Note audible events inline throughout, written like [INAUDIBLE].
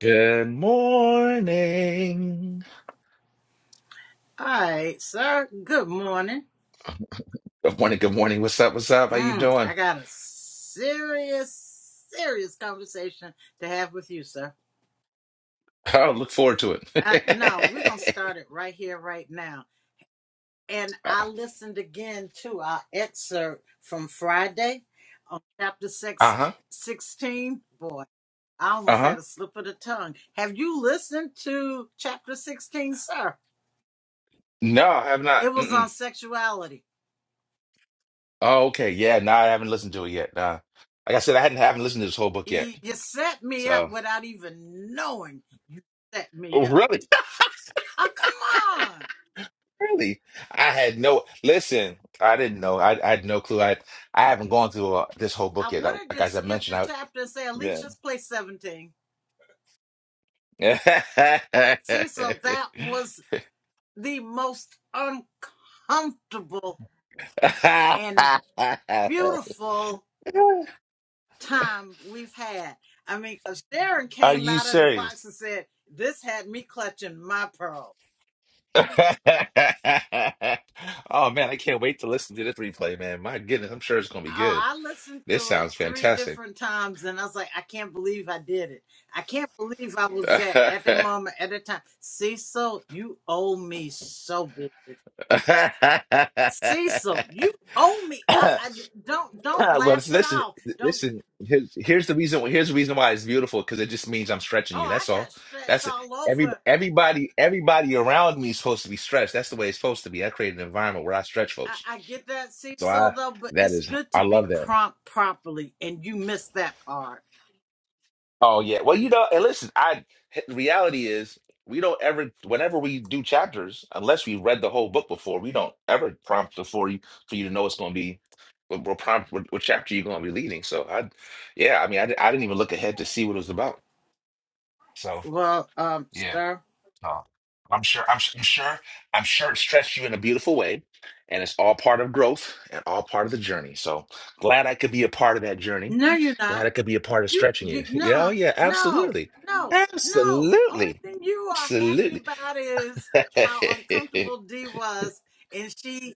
Good morning. All right, sir. Good morning. Good morning. Good morning. What's up? What's up? How you Mm, doing? I [LAUGHS] got a serious, serious conversation to have with you, sir. Oh, look forward to it. Uh, no, we're going to start it right here, right now. And [LAUGHS] I uh listened again to our excerpt from Friday on chapter 16. huh. Boy, I Uh almost huh. had a slip of the tongue. Have you listened to chapter 16, sir? No, I have not. It was on Mm-mm. sexuality. Oh, okay. Yeah. No, I haven't listened to it yet. Uh, like I said, I hadn't haven't listened to this whole book yet. You, you set me up So without even knowing you set me Oh, up. really, Oh, come on. [LAUGHS] really, I had no. Listen, I didn't know. I, I had no clue. I I haven't gone through uh, this whole I book yet. I, wanted like to as I skip the mentioned, I chapter and say yeah. Alicia's place 17. Cecil, that [LAUGHS] was the most uncomfortable and beautiful time we've had. I mean, Sharon Are came you out of the box serious? and said, This had me clutching my pearl. [LAUGHS] Oh man, I can't wait to listen to this replay, man. My goodness, I'm sure it's gonna Oh, be good. I listened This to it sounds three fantastic. different times and I was like, I can't believe I did it. I can't believe I [LAUGHS] was at at the well, moment, at the time. Cecil, you owe me so big. Cecil, you owe me. I, I don't don't laugh at listen, all. Don't. listen. Here's, here's the reason. Here's the reason why it's beautiful because it just means I'm stretching Oh, you. I That's got all. stretched That's it. all Every over. everybody everybody around me is supposed to be stretched. That's the way it's supposed to be. I create an environment where I stretch I, folks. I get that, So I Cecil, though. But that it's is good to I be love that. prompt properly, and you missed that part. Oh yeah. Well, you know, and listen, I h- reality is we don't ever whenever we do chapters, unless we read the whole book before, we don't ever prompt before you for you to know it's going to be what, what prompt what, what chapter you're going to be leading. So I, yeah, I mean, I, di- I didn't even look ahead to see what it was about. So Well, um, yeah. sir. No. I'm sure. I'm, su- I'm sure. I'm sure it stretched you in a beautiful way, and it's all part of growth and all part of the journey. So glad I could be a part of that journey. No, you're not. Glad I could be a part of You, stretching you. you [LAUGHS] Yeah. Oh, no, yeah. no, Absolutely. no, no. Only Absolutely. thing you are happy Absolutely. about is [LAUGHS] how uncomfortable Dee was, and she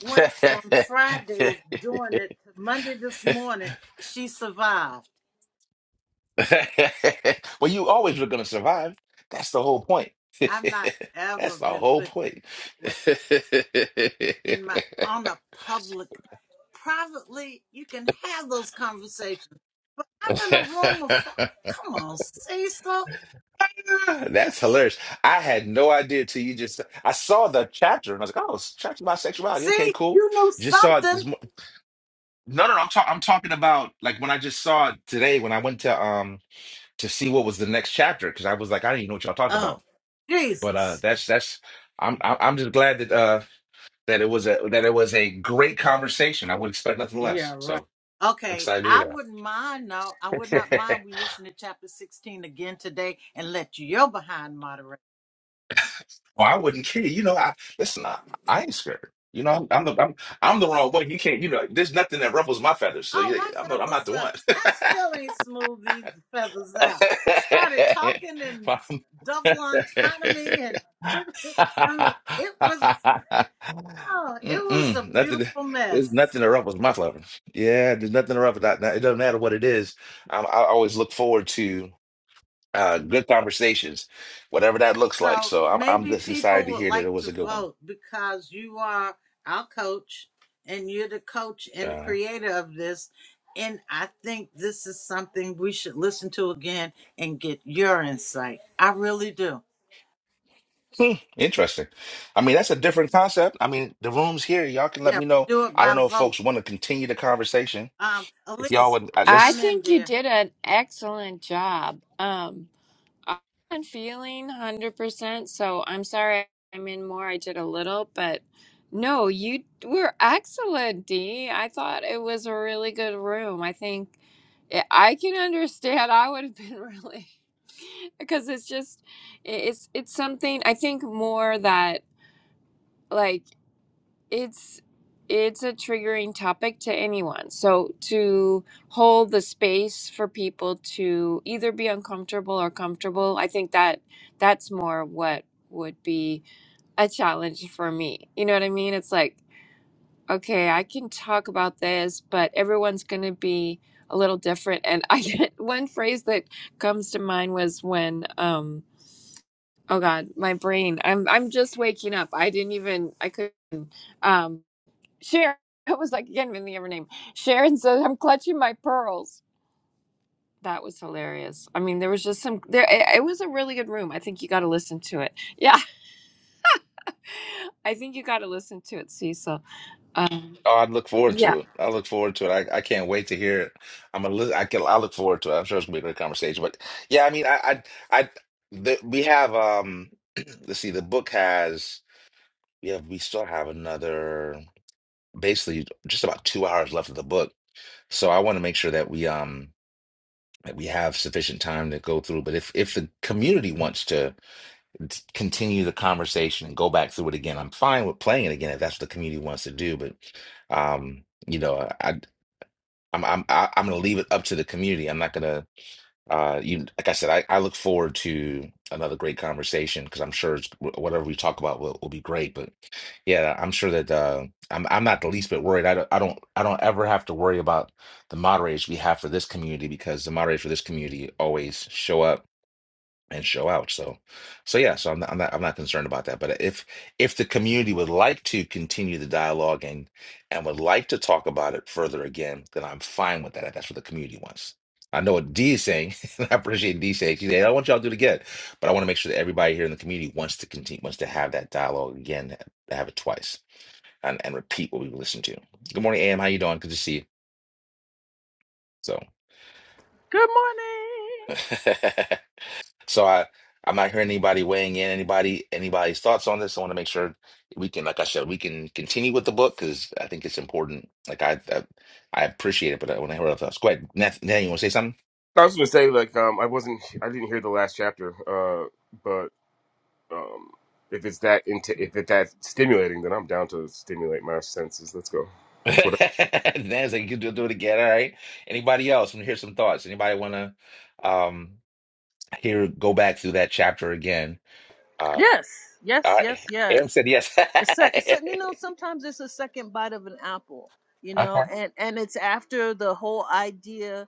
went from Friday doing it to Monday this morning. She survived. well, you always were going to survive. That's the whole point. I've not [LAUGHS] That's ever the been whole put point. that way in my on a public. Privately, you can have those conversations, but I'm in a room of. fo- [LAUGHS] Come on, Cecil. Ah, That's hilarious. I had no idea till you just. I saw the chapter and I was like, "Oh, it's a chapter about sexuality. Okay, See, cool." you knew Just saw it. something. This, mo- no, no, no. I'm, talk, I'm talking about like when I just saw it today when I went to um to see what was the next chapter because I was like, I didn't even know what y'all talked Oh, about. But uh, Jesus. that's that's. I'm I'm I'm just glad that uh that it was a that it was a great conversation. I would expect nothing Yeah, less. right. So I'm Okay, excited to I hear wouldn't mind No, I would not that. [LAUGHS] mind we listen to chapter 16 again today and let your behind moderate. Or I wouldn't care. You know, I listen. I, I ain't scared. You know, I'm, I'm the I'm, I'm the wrong way. You can't. You know, there's nothing that ruffles my feathers. So Oh, yeah, my yeah, I'm not, I'm not feathers, the uh, one. I still ain't smoothed these feathers out. Started [LAUGHS] talking and double autonomy and [LAUGHS] I mean, it was, oh, it was a Mm-mm, nothing. beautiful There's mess. nothing that ruffles my feathers. Yeah, there's nothing that ruffles. That. It doesn't matter what it is. I, I always look forward to uh, good conversations, whatever that looks like. So So I'm I'm maybe just excited people to would hear that it like was to a good one. vote because you are our coach and you're the coach and the Uh-huh. creator of this. And I think this is something we should listen to again and get your insight. I really do. Hmm, interesting. I mean, that's a different concept. I mean, the room's here. Y'all can let Yeah, me know. do it I don't by know if vote. folks want to continue the conversation. Um, If y'all Elise, would, I, I chime this, in, think you dear. did an excellent job. Um, I'm feeling 100%, so I'm sorry I'm in more. I did a little, but no, you were excellent, Dee. I thought it was a really good room. I think I I can understand. I would have been [LAUGHS] really because it's just it's it's something I think more that like it's it's a triggering topic to anyone so to hold the space for people to either be uncomfortable or comfortable i think that that's more what would be a challenge for me you know what i mean it's like okay i can talk about this but everyone's going to be a little different and i [LAUGHS] get one phrase that comes to mind was when um oh god my brain i'm i'm just waking up i didn't even i could um Sharon, [LAUGHS] it was like, again, can her name. Sharon says, I'm clutching my pearls. That was hilarious. I mean, there was just some, there, it, it was a really good room. I think you got to listen to it. Yeah. [LAUGHS] I think you got to listen to it, Cecil. Um, oh, I'd look forward yeah. to it. I look forward to it. I, I can't wait to hear it. I'm a li- I can, I look forward to it. I'm sure it's gonna be a great conversation. But yeah, I mean, I, I, I the, we have, um, [CLEARS THROAT] let's see, the book has, we have, we still have another, basically just about two hours left of the book. So I want to make sure that we, um, that we have sufficient time to go through. But if if the community wants to t- continue the conversation and go back through it again, I'm fine with playing it again if that's what the community wants to do. But um, you know, I I'm I'm I- I'm gonna leave it up to the community. I'm not gonna uh, you like I said, I, I look forward to another great conversation because I'm sure it's, wh- whatever we talk about will, will be great. But yeah, I'm sure that uh, I'm I'm not the least bit worried. I don't I don't I don't ever have to worry about the moderators we have for this community because the moderators for this community always show up and show out. So, so yeah, so I'm not, I'm not, I'm not concerned about that. But if if the community would like to continue the dialogue and and would like to talk about it further again, then I'm fine with that. If that's what the community wants. I know what D is saying, [LAUGHS] and I appreciate D saying. She said, "I don't want y'all to do it again," but I want to make sure that everybody here in the community wants to continue, wants to have that dialogue again, have it twice, and, and repeat what we listened to. Good morning, AM. How you doing? Good to see you. So, Good morning. [LAUGHS] So I, I'm not hearing anybody weighing in, anybody, anybody's thoughts on this. I want to make sure we can, like I said, we can continue with the book because I think it's important. Like I, I, I appreciate it, but I want to hear other thoughts. Go ahead, Nath, Nan, you want to say something? I was gonna say like um I wasn't I didn't hear the last chapter, uh, but um if it's that into if it's that stimulating, then I'm down to stimulate my senses. Let's go. [LAUGHS] So what Nathan's like, you can do, do it again. All right. Anybody else want to hear some thoughts? Anybody want to um hear go back through that chapter again? Uh, Yes, all yes, right. yes, Am yes. said yes. A sec- so, you know, [LAUGHS] sometimes it's a second bite of an apple, you know, Okay. and and it's after the whole idea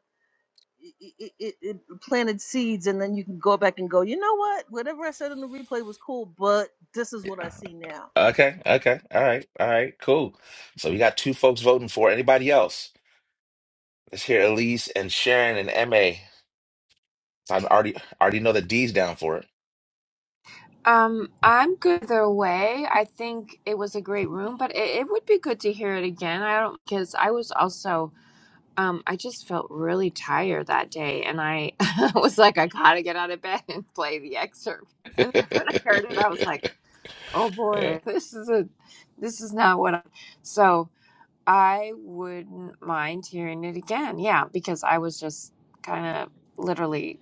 it, it, it it planted seeds, and then you can go back and go, you know what? Whatever I said in the replay was cool, but this is what I see now. Okay. Okay. All right. All right. Cool. So we got two folks voting for it. anybody else. Let's hear Elise and Sharon and MA. I am already already know that D's down for Um, I'm good either way. I think it was a great room, but it, it would be good to hear it again. I don't, because I was also, um, I just felt really tired that day. And I [LAUGHS] was like, I got to get out of bed and play the excerpt. And [LAUGHS] then when I heard it, I was it. like, [LAUGHS] oh Yeah. boy, [LAUGHS] this is a this is not what I so I wouldn't mind hearing it again. Yeah, because I was just kind of literally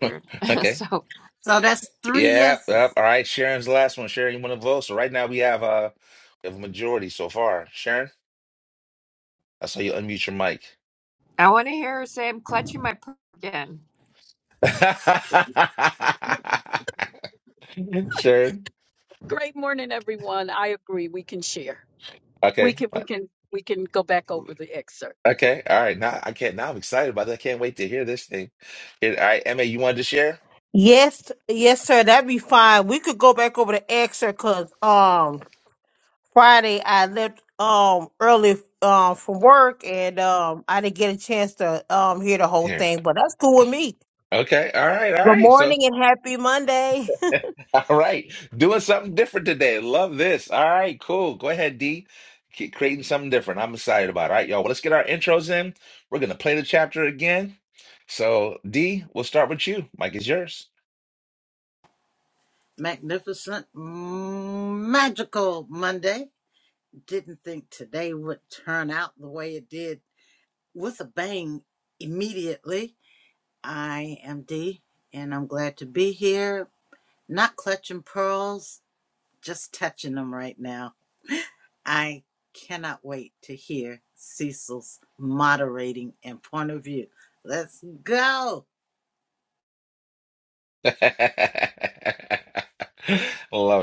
[LAUGHS] weird. [LAUGHS] Okay. so So that's three Yeah. Yep. yeses. All right. Sharon's the last one. Sharon, you want to vote? So right now we have uh we have a majority so far. Sharon, I saw you unmute your mic. I want to hear her say, I'm clutching my pearl again. [LAUGHS] Sharon. Great morning, everyone. I agree. We can share. We Okay. can we can we can go back over the excerpt. Okay. All right. Now I can't. Now I'm excited about that. I can't wait to hear this thing. Here, all right, Ma, you wanted to share? Yes, yes, sir. That'd be fine. We could go back over to Exeter because um Friday I left um early um from work and um I didn't get a chance to um hear the whole Here. thing, but that's cool with me. Okay. All right. All Good right. So. morning and happy Monday. [LAUGHS] All right, doing something different today. Love this. All right, cool. Go ahead, D. Keep creating something different. I'm excited about it. All right, y'all. Well, let's get our intros in. We're gonna play the chapter again. So, D, we'll start with you. Mike is yours. Magnificent, mm, magical Monday. Didn't think today would turn out the way it did with a bang immediately. I am Dee, and I'm glad to be here. Not clutching pearls, just touching them right now. I cannot wait to hear Cecil's moderating and point of view. Let's go. [LAUGHS] Love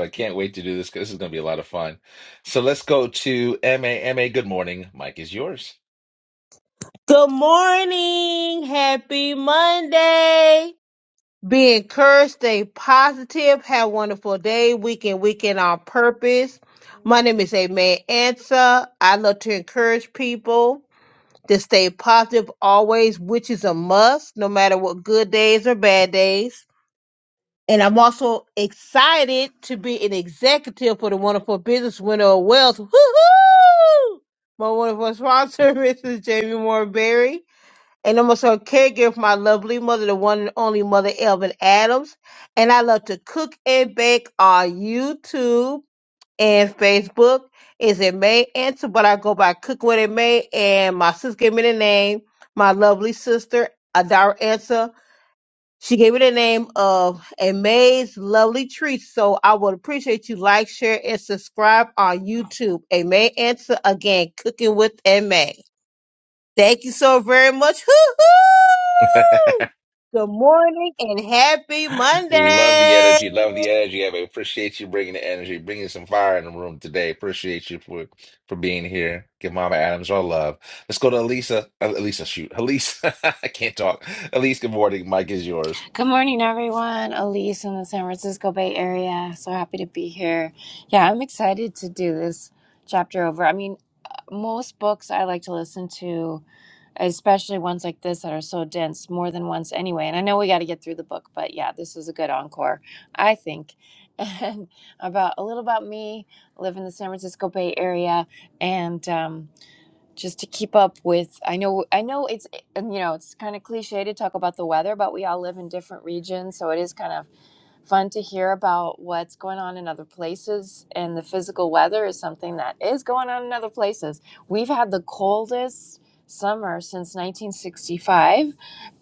it. Can't wait to do this. 'cause This is gonna be a lot of fun. So let's go to M A M A. good morning. Mike is yours. [LAUGHS] Good morning, happy Monday. Be encouraged, stay positive, have a wonderful day, weekend, weekend on purpose. My name is Amen Answer. I love to encourage people. to stay positive always, which is a must, no matter what good days or bad days. And I'm also excited to be an executive for the wonderful business winner of Wells. Woohoo! My wonderful sponsor, [LAUGHS] Mrs. Jamie Moore Berry. And I'm also a caregiver for my lovely mother, the one and only mother, Elvin Adams. And I love to cook and bake on YouTube and Facebook is it May Answer, but I go by Cook What It May. And my sister gave me the name, my lovely sister, Adara Answer. She gave me the name of A May's Lovely Treats. So I would appreciate you like, share, and subscribe on YouTube. A May Answer again, cooking with A May. Thank you so very much. Hoo [LAUGHS] hoo! Good morning and happy Love the Monday. energy. Love the energy. I appreciate you bringing the energy, bringing some fire in the room today. Appreciate you for for being here. Give Mama Adams all love. Let's go to Elisa. Uh, Elisa, shoot. Elise. [LAUGHS] I can't talk. Elise, good morning. Mike is yours. Good morning, everyone. Elise in the San Francisco Bay Area. So happy to be here. Yeah, I'm excited to do this chapter over. I mean, most books I like to listen to, especially ones like this that are so dense, more than once anyway. And I know we got to get through the book, but yeah, this was a good encore, I think. [LAUGHS] And about a little about me, live in the San Francisco Bay Area, and um, just to keep up with i know i know it's and you know it's kind of cliche to talk about the weather but we all live in different regions so it is kind of Fun to hear about what's going on in other places, and the physical weather is something that is going on in other places. We've had the coldest summer since 1965,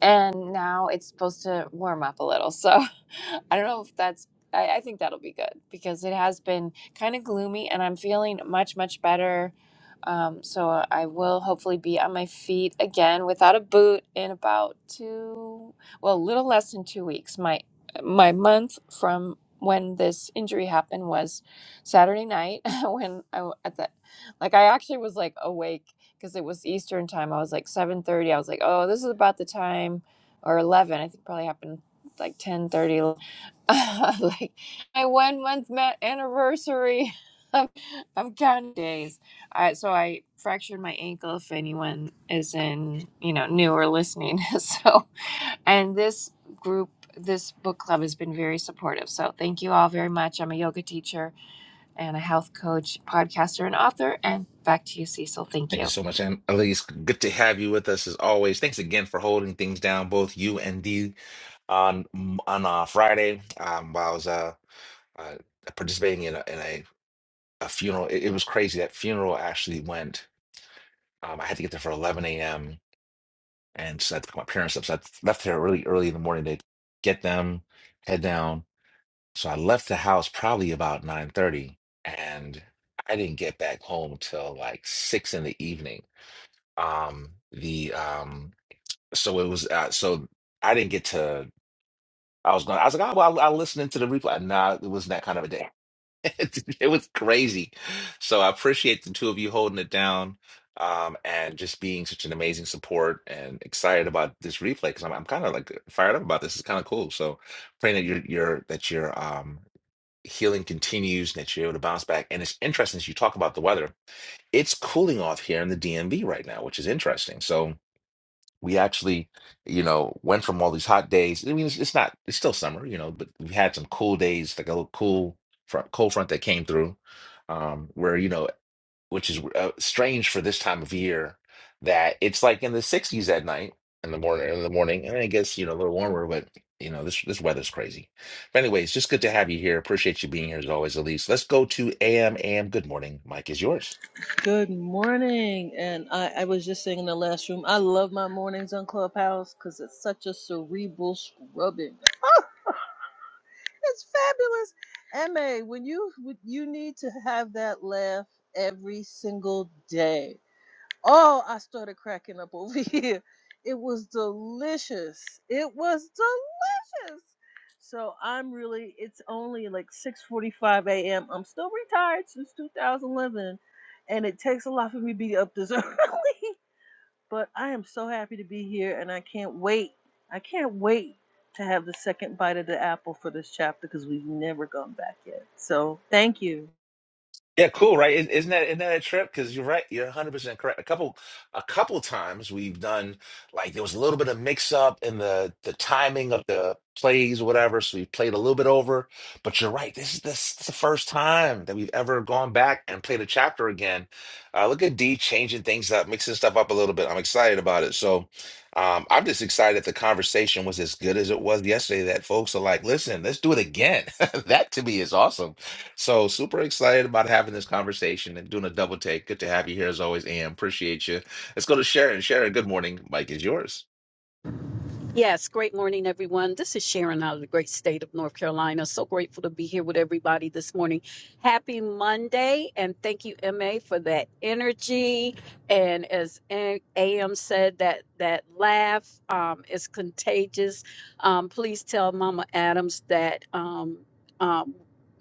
and now it's supposed to warm up a little. So [LAUGHS] I don't know if that's. I, I think that'll be good because it has been kind of gloomy, and I'm feeling much much better. Um, so I will hopefully be on my feet again without a boot in about two, well, a little less than two weeks. My my month from when this injury happened was Saturday night [LAUGHS] when I w- at the like I actually was like awake because it was Eastern time. I was like 7:30. I was like, "Oh, this is about the time or 11. I think probably happened like 10:30 [LAUGHS] like my one month ma- anniversary. [LAUGHS] I'm, I'm counting days. I, so I fractured my ankle. If anyone is in, you know, new or listening, [LAUGHS] so and this group, this book club has been very supportive. So thank you all very much. I'm a yoga teacher and a health coach, podcaster, and author. And back to you, Cecil. Thank Thank you you. so much. And Elise, good to have you with us as always. Thanks again for holding things down, both you and D on on uh, Friday. Um, while I was uh, uh participating in a, in a, a funeral, it, it was crazy. That funeral actually went. Um, I had to get there for 11 a.m And so I took my parents up. So I left here really early in the morning to get them, head down. So I left the house probably about 9:30 and I didn't get back home till like six in the evening. Um, the um, so it was uh, so I didn't get to I was going I was like, oh well, I, I listened to the replay. Nah, it wasn't that kind of a day. [LAUGHS] it was crazy. So I appreciate the two of you holding it down um, and just being such an amazing support and excited about this replay because I'm, I'm kind of like fired up about this. It's kind of cool. So praying that your your that your um, healing continues and that you're able to bounce back. And it's interesting as you talk about the weather. It's cooling off here in the DMV right now, which is interesting. So we actually, you know, went from all these hot days. I mean, it's, it's not, it's still summer, you know, but we had some cool days, like a little cool front, cold front that came through, um, where, you know, which is uh, strange for this time of year that it's like in the 60s at night in the morning, in the morning, and I guess, you know, a little warmer, but you know, this, this weather's crazy. But anyways, just good to have you here. Appreciate you being here as always, Elise. Let's go to AM, AM. Good morning. Mike is yours. Good morning, and I, I was just saying in the last room, I love my mornings on Clubhouse because it's such a cerebral scrubbing. That's fabulous. MA, when you you need to have that laugh every single day. Oh, I started cracking up [LAUGHS] over here. It was delicious. It was delicious. So I'm really it's only like 6:45 a.m. I'm still retired since 2011 and it takes a lot for me to be up this [LAUGHS] early. But I am so happy to be here and I can't wait. I can't wait to have the second bite of the apple for this chapter because we've never gone back yet. So thank you. Yeah, cool, right? Isn't isn't that isn't that a trip? Because you're right, you're 100% correct. A couple, a couple times we've done like there was a little bit of mix up in the the timing of the plays or whatever, so we played a little bit over. But you're right, this is this, is the first time that we've ever gone back and played a chapter again. Uh, look at D changing things up, mixing stuff up a little bit. I'm excited about it. So, um, I'm just excited that the conversation was as good as it was yesterday. That folks are like, listen, let's do it again. [LAUGHS] That to me is awesome so super excited about having this conversation and doing a double take. Good to have you here as always, and appreciate you. Let's go to Sharon. Sharon, good morning. Mike is yours. Yes, great morning, everyone. This is Sharon out of the great state of North Carolina. So grateful to be here with everybody this morning. Happy Monday, and thank you, MA, for that energy. And as AM said, that that laugh um, is contagious. Um, please tell Mama Adams that um, um,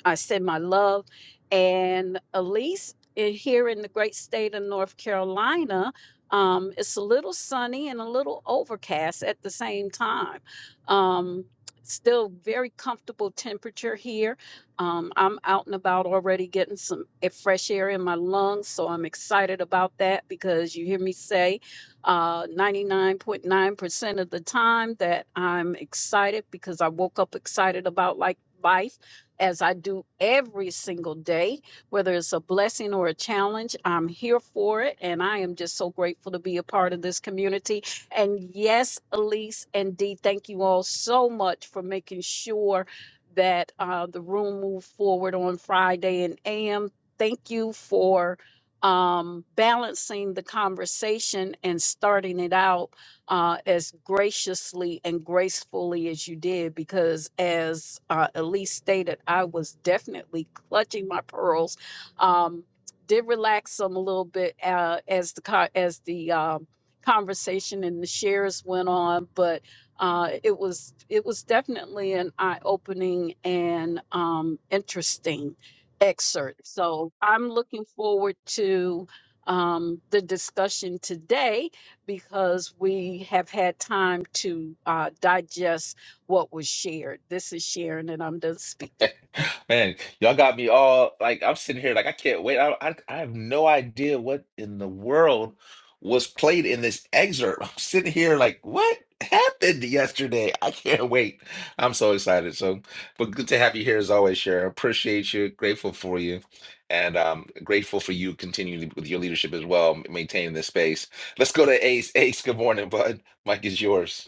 I send my love. And Elise, in, here in the great state of North Carolina, um, it's a little sunny and a little overcast at the same time. Um, still very comfortable temperature here. Um, I'm out and about already getting some eh, fresh air in my lungs, so I'm excited about that because you hear me say uh, 99.9% of the time that I'm excited because I woke up excited about like life as I do every single day whether it's a blessing or a challenge. I'm here for it. And I am just so grateful to be a part of this community. And yes, Elise and Dee, thank you all so much for making sure that uh, the room moved forward on Friday. And AM, thank you for um, balancing the conversation and starting it out uh, as graciously and gracefully as you did, because as uh, Elise stated, I was definitely clutching my pearls um, did relax some a little bit uh, as the co- as the um, conversation and the shares went on, but uh, it was it was definitely an eye opening and um, interesting excerpt. So I'm looking forward to um, the discussion today because we have had time to uh, digest what was shared. This is Sharon, and I'm done speaking. [SIGHS] Man, y'all got me all like I'm sitting here like I can't wait. I, I I have no idea what in the world was played in this excerpt. [LAUGHS] I'm sitting here like what happened yesterday? I can't wait. I'm so excited. So, but good to have you here as always, Cher. Appreciate you. Grateful for you, and um, grateful for you continuing with your leadership as well, maintaining this space. Let's go to Ace. Ace, good morning, bud. Mike is yours.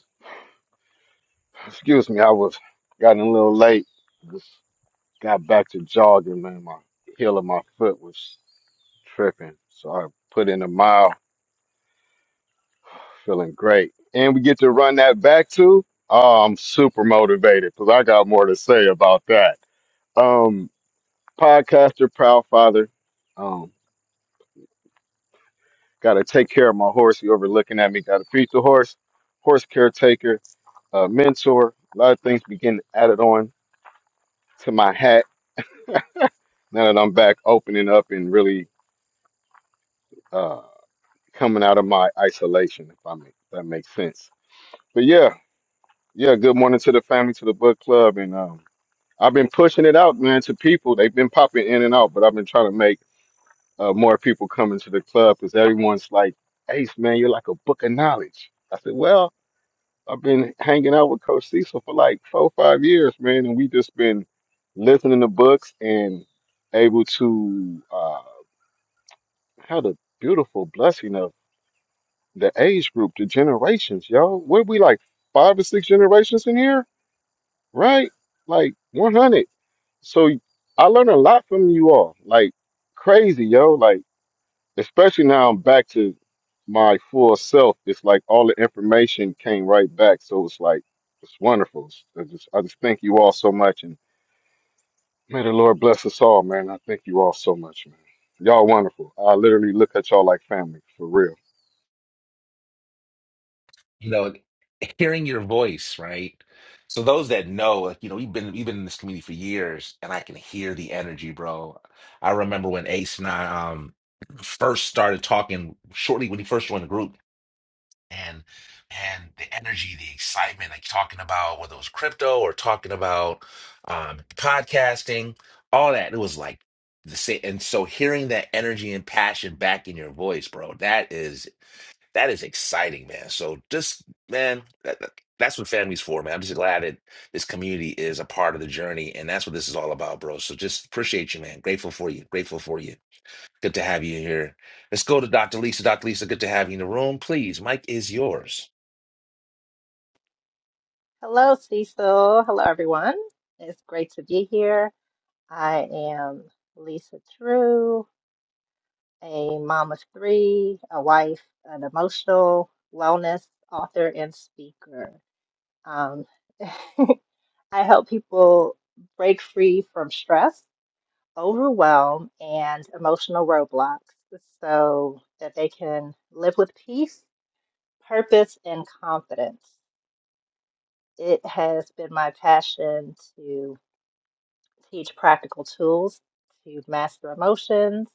Excuse me, I was gotten a little late. Just got back to jogging, man. My heel of my foot was tripping, so I put in a mile, feeling great. And we get to run that back too. Oh, I'm super motivated because I got more to say about that. Um, podcaster, proud father. Um, got to take care of my horse. You over looking at me? Got to feed the horse. Horse caretaker, uh, mentor. A lot of things begin added on to my hat now that I'm back opening up and really uh, coming out of my isolation, if I make if that makes sense. But yeah, yeah. Good morning to the family, to the book club, and um, I've been pushing it out, man, to people. They've been popping in and out, but I've been trying to make uh, more people come into the club because everyone's like, "Ace, man, you're like a book of knowledge." I said, "Well, I've been hanging out with Coach Cecil for like four, five years, man, and we just been listening to books and able to uh, have the beautiful blessing of." the age group, the generations, yo. What we like five or six generations in here, right? Like 100. So I learned a lot from you all, like crazy, yo. Like especially now I'm back to my full self. It's like all the information came right back, so it's like it's wonderful. It's- I just I just thank you all so much, and may the Lord bless us all, man. I thank you all so much, man. Y'all wonderful. I literally look at y'all like family, for real. you know, hearing your voice, right? So those that know, like, you know, we've been we've been in this community for years and I can hear the energy, bro. I remember when Ace and I um [CLEARS THROAT] first started talking shortly when he first joined the group and and the energy, the excitement, like talking about whether it was crypto or talking about um podcasting, all that. It was like the same and so hearing that energy and passion back in your voice, bro, that is that is exciting, man. So just man, that, that- that's what family's for, man. I'm just glad that this community is a part of the journey, and that's what this is all about, bro. So just appreciate you, man. Grateful for you. Grateful for you. Good to have you here. Let's go to Dr. Lisa. Dr. Lisa, good to have you in the room. Please, Mike is yours. Hello, Cecil. Hello, everyone. It's great to be here. I am Lisa True, a mom of three, a wife, an emotional wellness author, and speaker. Um, [LAUGHS] I help people break free from stress, overwhelm, and emotional roadblocks so that they can live with peace, purpose, and confidence. It has been my passion to teach practical tools to master emotions,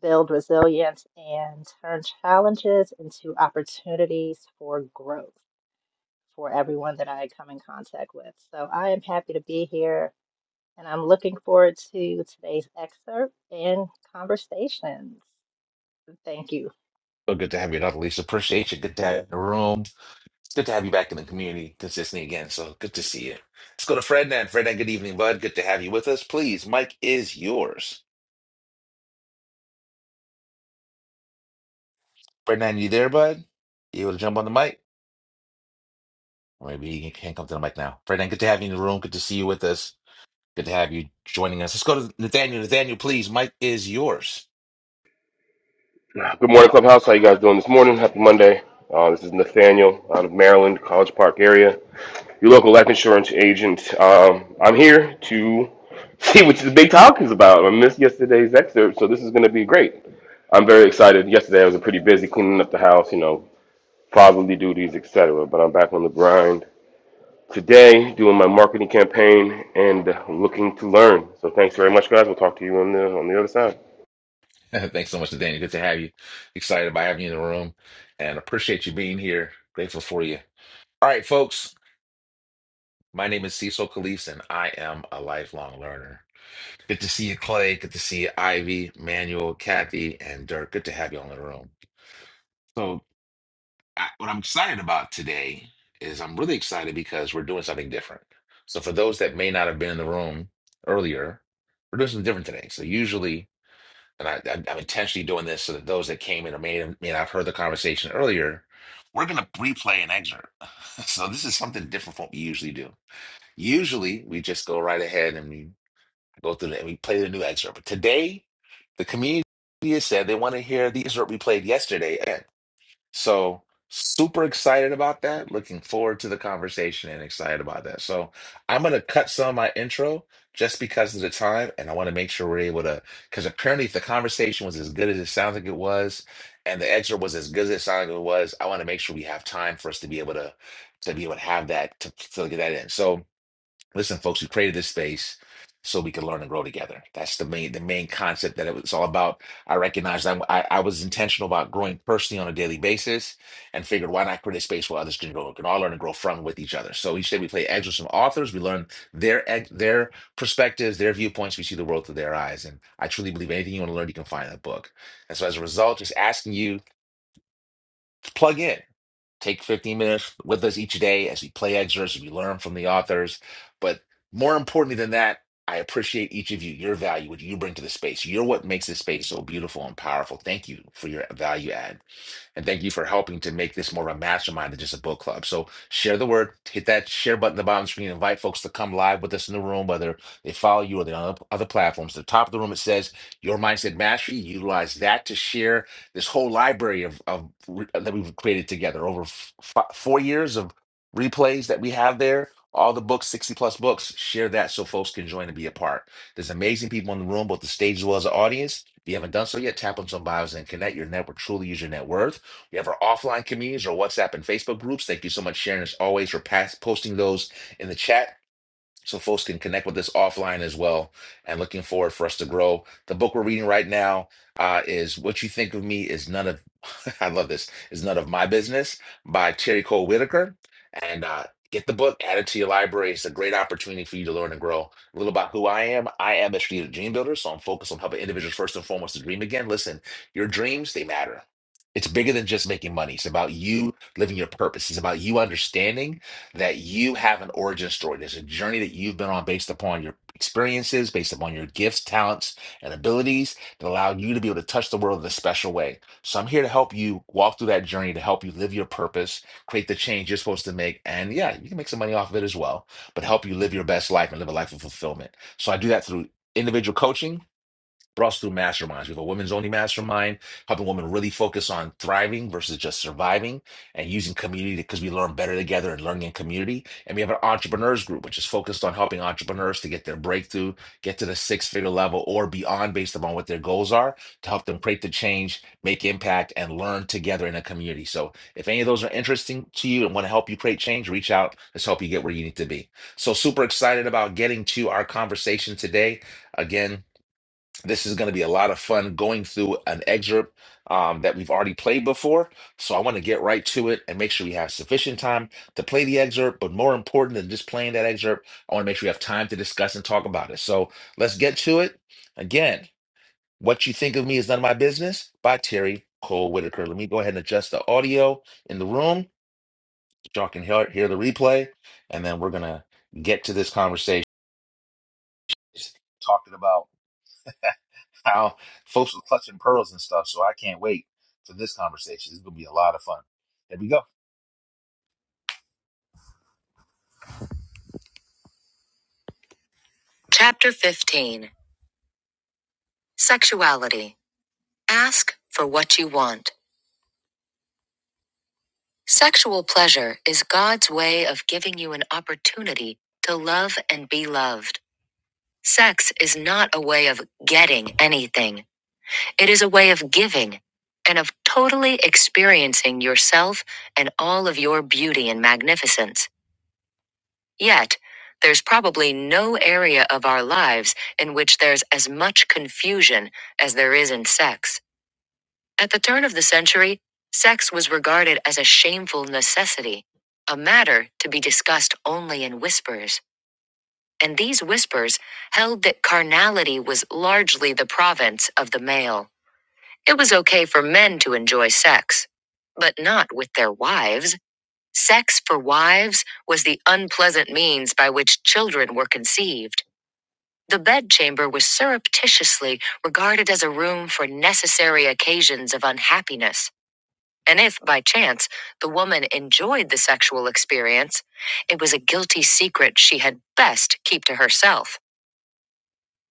build resilience, and turn challenges into opportunities for growth for everyone that I come in contact with. So I am happy to be here and I'm looking forward to today's excerpt and conversations. Thank you. So good to have you, Dr. Lisa. Appreciate you. Good to have you in the room. It's good to have you back in the community consistently again. So good to see you. Let's go to Frednan. Frednan, good evening, bud. Good to have you with us. Please, Mike is yours. Frednan, you there, bud? You able to jump on the mic? Or Maybe he can come to the mic now. Ferdinand, good to have you in the room. Good to see you with us. Good to have you joining us. Let's go to Nathaniel. Nathaniel, please, mic is yours. Good morning, Clubhouse. How you guys doing this morning? Happy Monday. Uh, this is Nathaniel out of Maryland, College Park area. Your local life insurance agent. Um, I'm here to [LAUGHS] see what the big talk is about. I missed yesterday's excerpt, so this is going to be great. I'm very excited. Yesterday I was pretty busy cleaning up the house, you know, fatherly duties, etc. But I'm back on the grind today, doing my marketing campaign and looking to learn. So thanks very much, guys. We'll talk to you on the on the other side. [LAUGHS] Thanks so much, Nathaniel. Good to have you. Excited about having you in the room and appreciate you being here. Grateful for you. All right, folks. My name is Cecil Calise, and I am a lifelong learner. Good to see you, Clay. Good to see you, Ivy, Manuel, Kathy, and Dirk. Good to have you all in the room. So. I, what I'm excited about today is I'm really excited because we're doing something different. So for those that may not have been in the room earlier, we're doing something different today. So usually, and I, I, I'm intentionally doing this so that those that came in or may, have- may not have heard the conversation earlier, we're going to replay an excerpt. [LAUGHS] So this is something different from what we usually do. Usually, we just go right ahead and we go through the, and we play the new excerpt. But today, the community has said they want to hear the excerpt we played yesterday. So super excited about that. Looking forward to the conversation and excited about that. So I'm gonna cut some of my intro just because of the time, and I want to make sure we're able to because apparently if the conversation was as good as it sounds like it was, and the excerpt was as good as it sounded like it was, I want to make sure we have time for us to be able to to be able to have that to, to get that in. So listen, folks, we created this space so we can learn and grow together. That's the main the main concept that it was all about. I recognized I, I, I was intentional about growing personally on a daily basis and figured why not create a space where others can grow, can all learn and grow from with each other. So each day we play eggs with some authors, we learn their ex- their perspectives, their viewpoints, we see the world through their eyes. And I truly believe anything you want to learn, you can find in a book. And so as a result, just asking you to plug in take 15 minutes with us each day as we play excerpts, as we learn from the authors. But more importantly than that, I appreciate each of you, your value, what you bring to the space. You're what makes this space so beautiful and powerful. Thank you for your value add. And thank you for helping to make this more of a mastermind than just a book club. So share the word, hit that share button at the bottom of the screen, invite folks to come live with us in the room, whether they follow you or they're on other platforms. At the top of the room, it says Your Mindset Mastery. Utilize that to share this whole library of, of re- that we've created together over f- fi- four years of replays that we have there. All the books, 60 plus books, share that so folks can join and be a part. There's amazing people in the room, both the stage as well as the audience. If you haven't done so yet, tap on some bios and connect. Your network truly use your net worth. You have our offline communities, our WhatsApp and Facebook groups. Thank you so much, Sharon, as always, for pass- posting those in the chat so folks can connect with us offline as well. And looking forward for us to grow. The book we're reading right now uh, is "What You Think of Me Is None of [LAUGHS] I Love This Is None of My Business" by Terry Cole Whitaker. And uh, get the book, add it to your library. It's a great opportunity for you to learn and grow. A little about who I am. I am a strategic dream builder, so I'm focused on helping individuals first and foremost to dream again. Listen, your dreams they matter. It's bigger than just making money. It's about you living your purpose. It's about you understanding that you have an origin story. There's a journey that you've been on based upon your experiences, based upon your gifts, talents, and abilities that allow you to be able to touch the world in a special way. So I'm here to help you walk through that journey to help you live your purpose, create the change you're supposed to make. And yeah, you can make some money off of it as well, but help you live your best life and live a life of fulfillment. So I do that through individual coaching Brought us through masterminds. We have a women's only mastermind, helping women really focus on thriving versus just surviving and using community because we learn better together and learning in community. And we have an entrepreneurs group, which is focused on helping entrepreneurs to get their breakthrough, get to the six figure level or beyond based upon what their goals are to help them create the change, make impact, and learn together in a community. So if any of those are interesting to you and want to help you create change, reach out. Let's help you get where you need to be. So super excited about getting to our conversation today. Again, this is going to be a lot of fun going through an excerpt um, that we've already played before. So I want to get right to it and make sure we have sufficient time to play the excerpt. But more important than just playing that excerpt, I want to make sure we have time to discuss and talk about it. So let's get to it. Again, What You Think of Me is None of My Business by Terry Cole Whitaker. Let me go ahead and adjust the audio in the room. so Y'all can hear, hear the replay. And then we're going to get to this conversation talking about. how folks were clutching pearls and stuff. So I can't wait for this conversation. It's gonna be a lot of fun. There we go. Chapter 15 Sexuality. Ask for what you want. Sexual pleasure is God's way of giving you an opportunity to love and be loved. Sex is not a way of getting anything, it is a way of giving and of totally experiencing yourself and all of your beauty and magnificence. Yet, there's probably no area of our lives in which there's as much confusion as there is in sex. At the turn of the century, sex was regarded as a shameful necessity, a matter to be discussed only in whispers. And these whispers held that carnality was largely the province of the male. It was okay for men to enjoy sex, but not with their wives. Sex for wives was the unpleasant means by which children were conceived. The bedchamber was surreptitiously regarded as a room for necessary occasions of unhappiness. And if, by chance, the woman enjoyed the sexual experience, it was a guilty secret she had best keep to herself.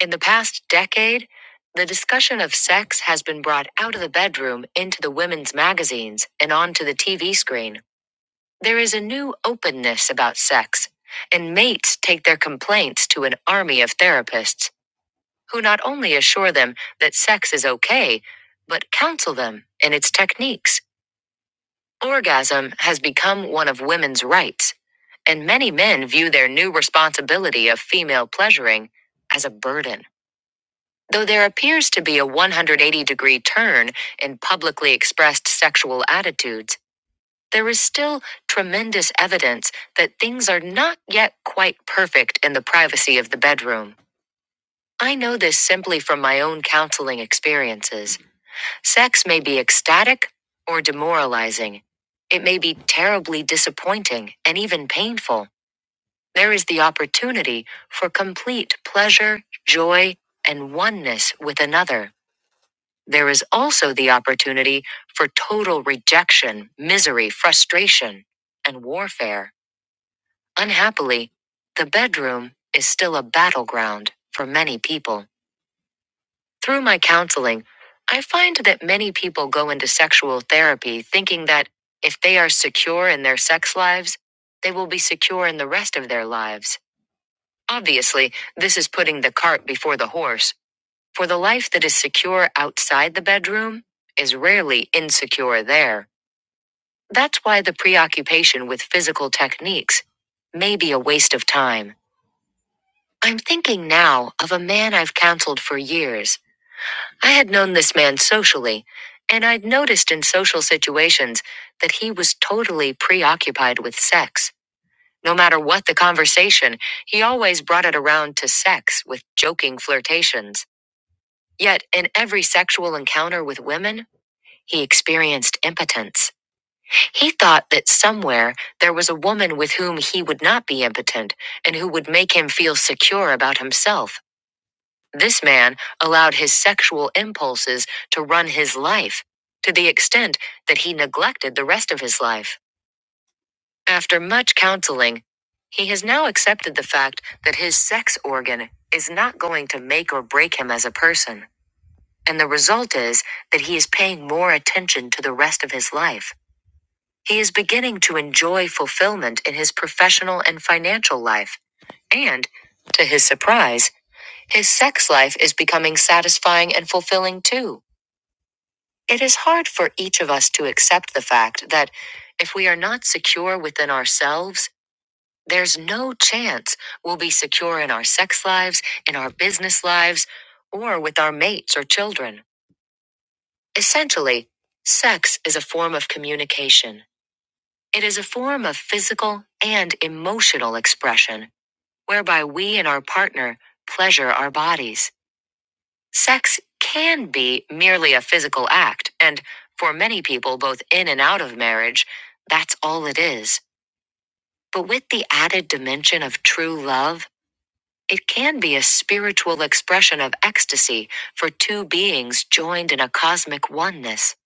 In the past decade, the discussion of sex has been brought out of the bedroom into the women's magazines and onto the TV screen. There is a new openness about sex, and mates take their complaints to an army of therapists who not only assure them that sex is okay, but counsel them in its techniques. Orgasm has become one of women's rights, and many men view their new responsibility of female pleasuring as a burden. Though there appears to be a 180 degree turn in publicly expressed sexual attitudes, there is still tremendous evidence that things are not yet quite perfect in the privacy of the bedroom. I know this simply from my own counseling experiences. Sex may be ecstatic or demoralizing. It may be terribly disappointing and even painful. There is the opportunity for complete pleasure, joy, and oneness with another. There is also the opportunity for total rejection, misery, frustration, and warfare. Unhappily, the bedroom is still a battleground for many people. Through my counseling, I find that many people go into sexual therapy thinking that if they are secure in their sex lives, they will be secure in the rest of their lives. Obviously, this is putting the cart before the horse, for the life that is secure outside the bedroom is rarely insecure there. That's why the preoccupation with physical techniques may be a waste of time. I'm thinking now of a man I've counseled for years. I had known this man socially, and I'd noticed in social situations that he was totally preoccupied with sex. No matter what the conversation, he always brought it around to sex with joking flirtations. Yet, in every sexual encounter with women, he experienced impotence. He thought that somewhere there was a woman with whom he would not be impotent and who would make him feel secure about himself. This man allowed his sexual impulses to run his life to the extent that he neglected the rest of his life. After much counseling, he has now accepted the fact that his sex organ is not going to make or break him as a person. And the result is that he is paying more attention to the rest of his life. He is beginning to enjoy fulfillment in his professional and financial life. And, to his surprise, his sex life is becoming satisfying and fulfilling too. It is hard for each of us to accept the fact that if we are not secure within ourselves, there's no chance we'll be secure in our sex lives, in our business lives, or with our mates or children. Essentially, sex is a form of communication. It is a form of physical and emotional expression whereby we and our partner pleasure our bodies. Sex can be merely a physical act, and for many people, both in and out of marriage, that's all it is. But with the added dimension of true love, it can be a spiritual expression of ecstasy for two beings joined in a cosmic oneness.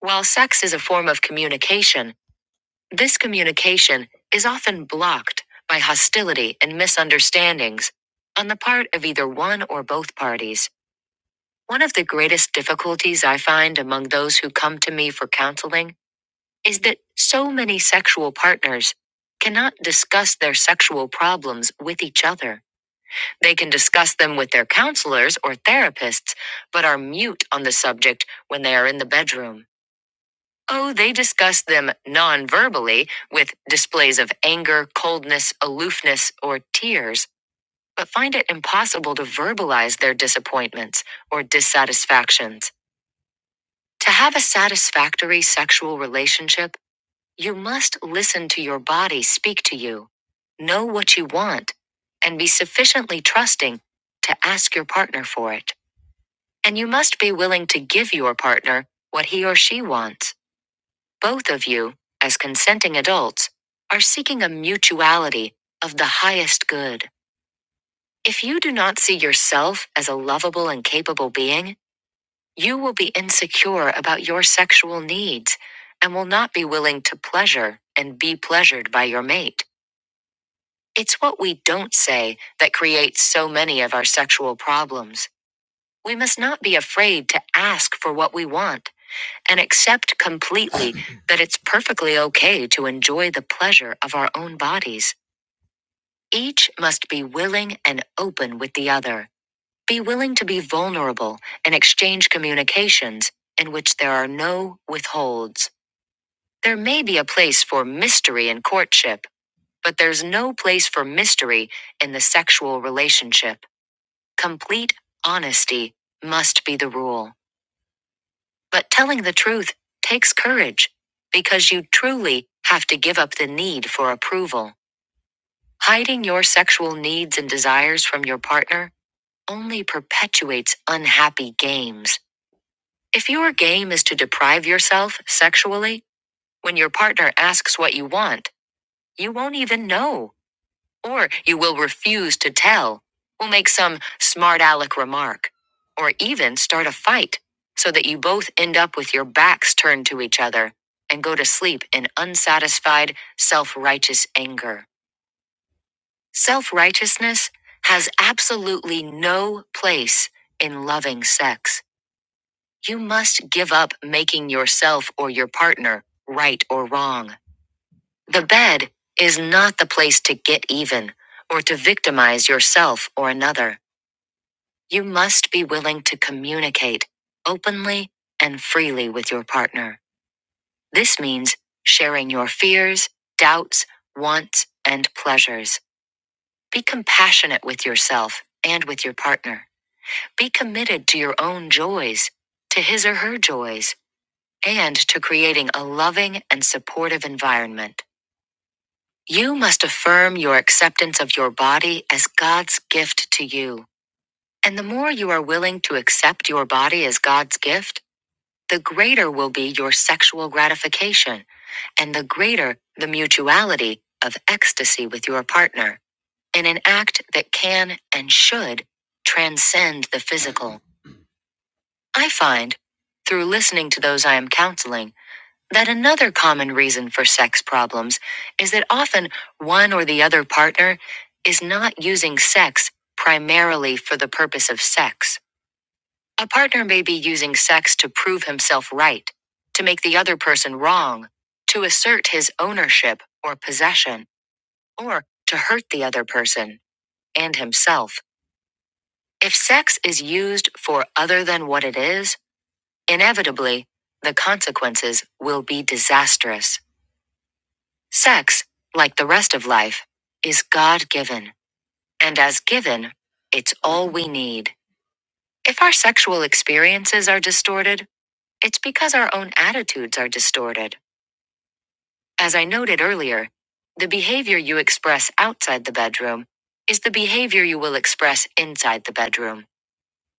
While sex is a form of communication, this communication is often blocked by hostility and misunderstandings on the part of either one or both parties. One of the greatest difficulties I find among those who come to me for counseling is that so many sexual partners cannot discuss their sexual problems with each other. They can discuss them with their counselors or therapists, but are mute on the subject when they are in the bedroom. Oh, they discuss them non verbally with displays of anger, coldness, aloofness, or tears, but find it impossible to verbalize their disappointments or dissatisfactions. To have a satisfactory sexual relationship, you must listen to your body speak to you, know what you want, and be sufficiently trusting to ask your partner for it. And you must be willing to give your partner what he or she wants. Both of you, as consenting adults, are seeking a mutuality of the highest good. If you do not see yourself as a lovable and capable being, You will be insecure about your sexual needs and will not be willing to pleasure and be pleasured by your mate. It's what we don't say that creates so many of our sexual problems. We must not be afraid to ask for what we want and accept completely [COUGHS] [CLEARS THROAT] that it's perfectly okay to enjoy the pleasure of our own bodies. Each must be willing and open with the other. Be willing to be vulnerable and exchange communications in which there are no withholds. There may be a place for mystery in courtship, but there's no place for mystery in the sexual relationship. Complete honesty must be the rule. But telling the truth takes courage because you truly have to give up the need for approval. Hiding your sexual needs and desires from your partner only perpetuates unhappy games. If your game is to deprive yourself sexually, when your partner asks what you want, you won't even know, or you will refuse to tell, will make some smart aleck remark, or even start a fight, so that you both end up with your backs turned to each other and go to sleep in unsatisfied, self righteous anger. Self righteousness has absolutely no place in loving sex. You must give up making yourself or your partner right or wrong. The bed is not the place to get even or to victimize yourself or another. You must be willing to communicate openly and freely with your partner. This means sharing your fears, doubts, wants, and pleasures. Be compassionate with yourself and with your partner. Be committed to your own joys, to his or her joys and to creating a loving and supportive environment. You must affirm your acceptance of your body as God's gift to you. And the more you are willing to accept your body as God's gift, the greater will be your sexual gratification and the greater the mutuality of ecstasy with your partner in an act that can and should transcend the physical. I find, through listening to those I am counseling, That another common reason for sex problems is that often one or the other partner is not using sex primarily for the purpose of sex. A partner may be using sex to prove himself right, to make the other person wrong, to assert his ownership or possession, or to hurt the other person and himself. If sex is used for other than what it is, inevitably, the consequences will be disastrous. Sex, like the rest of life, is God given, and as given, it's all we need. If our sexual experiences are distorted, it's because our own attitudes are distorted. As I noted earlier, the behavior you express outside the bedroom is the behavior you will express inside the bedroom.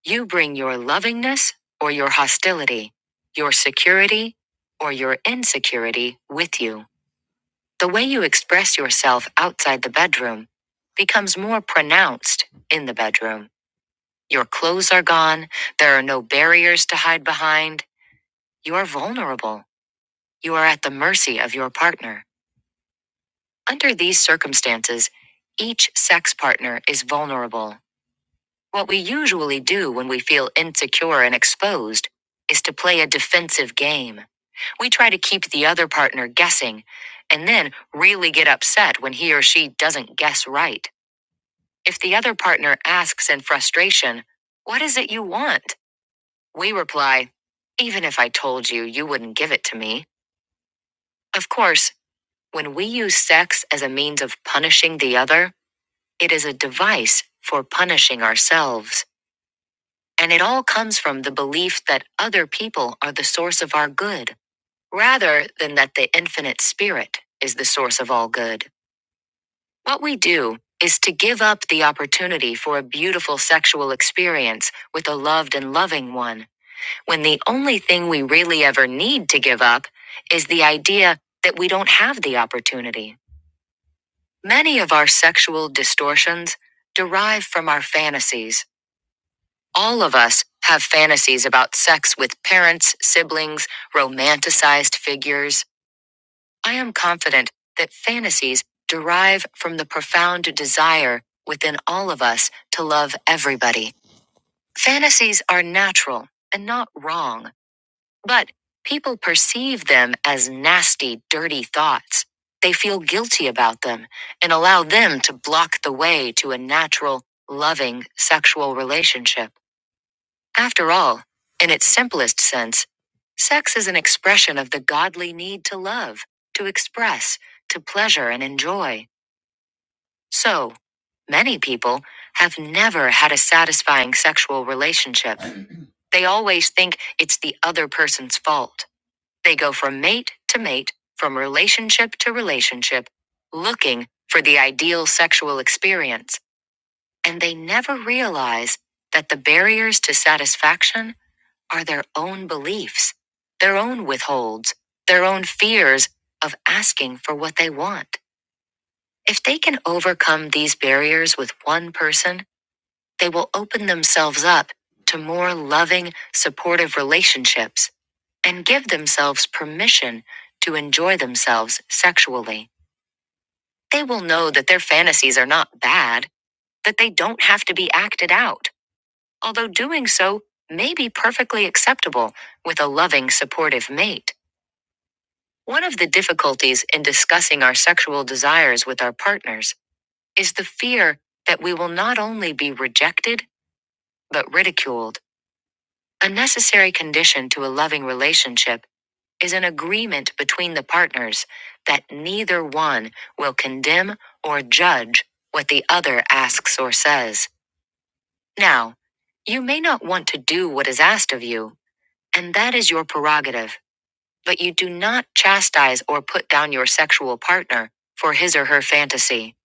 You bring your lovingness or your hostility, your security or your insecurity with you. The way you express yourself outside the bedroom becomes more pronounced in the bedroom. Your clothes are gone. There are no barriers to hide behind. You are vulnerable. You are at the mercy of your partner. Under these circumstances, each sex partner is vulnerable. What we usually do when we feel insecure and exposed is to play a defensive game. We try to keep the other partner guessing and then really get upset when he or she doesn't guess right. If the other partner asks in frustration, What is it you want? We reply, Even if I told you, you wouldn't give it to me. Of course, when we use sex as a means of punishing the other, it is a device for punishing ourselves. And it all comes from the belief that other people are the source of our good, rather than that the infinite spirit is the source of all good. What we do is to give up the opportunity for a beautiful sexual experience with a loved and loving one, when the only thing we really ever need to give up is the idea that we don't have the opportunity. Many of our sexual distortions derive from our fantasies. All of us have fantasies about sex with parents, siblings, romanticized figures. I am confident that fantasies derive from the profound desire within all of us to love everybody. Fantasies are natural and not wrong, but people perceive them as nasty, dirty thoughts. They feel guilty about them and allow them to block the way to a natural, loving sexual relationship. After all, in its simplest sense, sex is an expression of the godly need to love, to express, to pleasure and enjoy. So, many people have never had a satisfying sexual relationship. They always think it's the other person's fault. They go from mate to mate, from relationship to relationship, looking for the ideal sexual experience, and they never realize that the barriers to satisfaction are their own beliefs, their own withholds, their own fears of asking for what they want. If they can overcome these barriers with one person, they will open themselves up to more loving, supportive relationships and give themselves permission to enjoy themselves sexually. They will know that their fantasies are not bad, that they don't have to be acted out, although doing so may be perfectly acceptable with a loving, supportive mate. One of the difficulties in discussing our sexual desires with our partners is the fear that we will not only be rejected, but ridiculed. A necessary condition to a loving relationship is an agreement between the partners that neither one will condemn or judge what the other asks or says. Now, you may not want to do what is asked of you, and that is your prerogative. but you do not chastise or put down your sexual partner for his or her fantasy.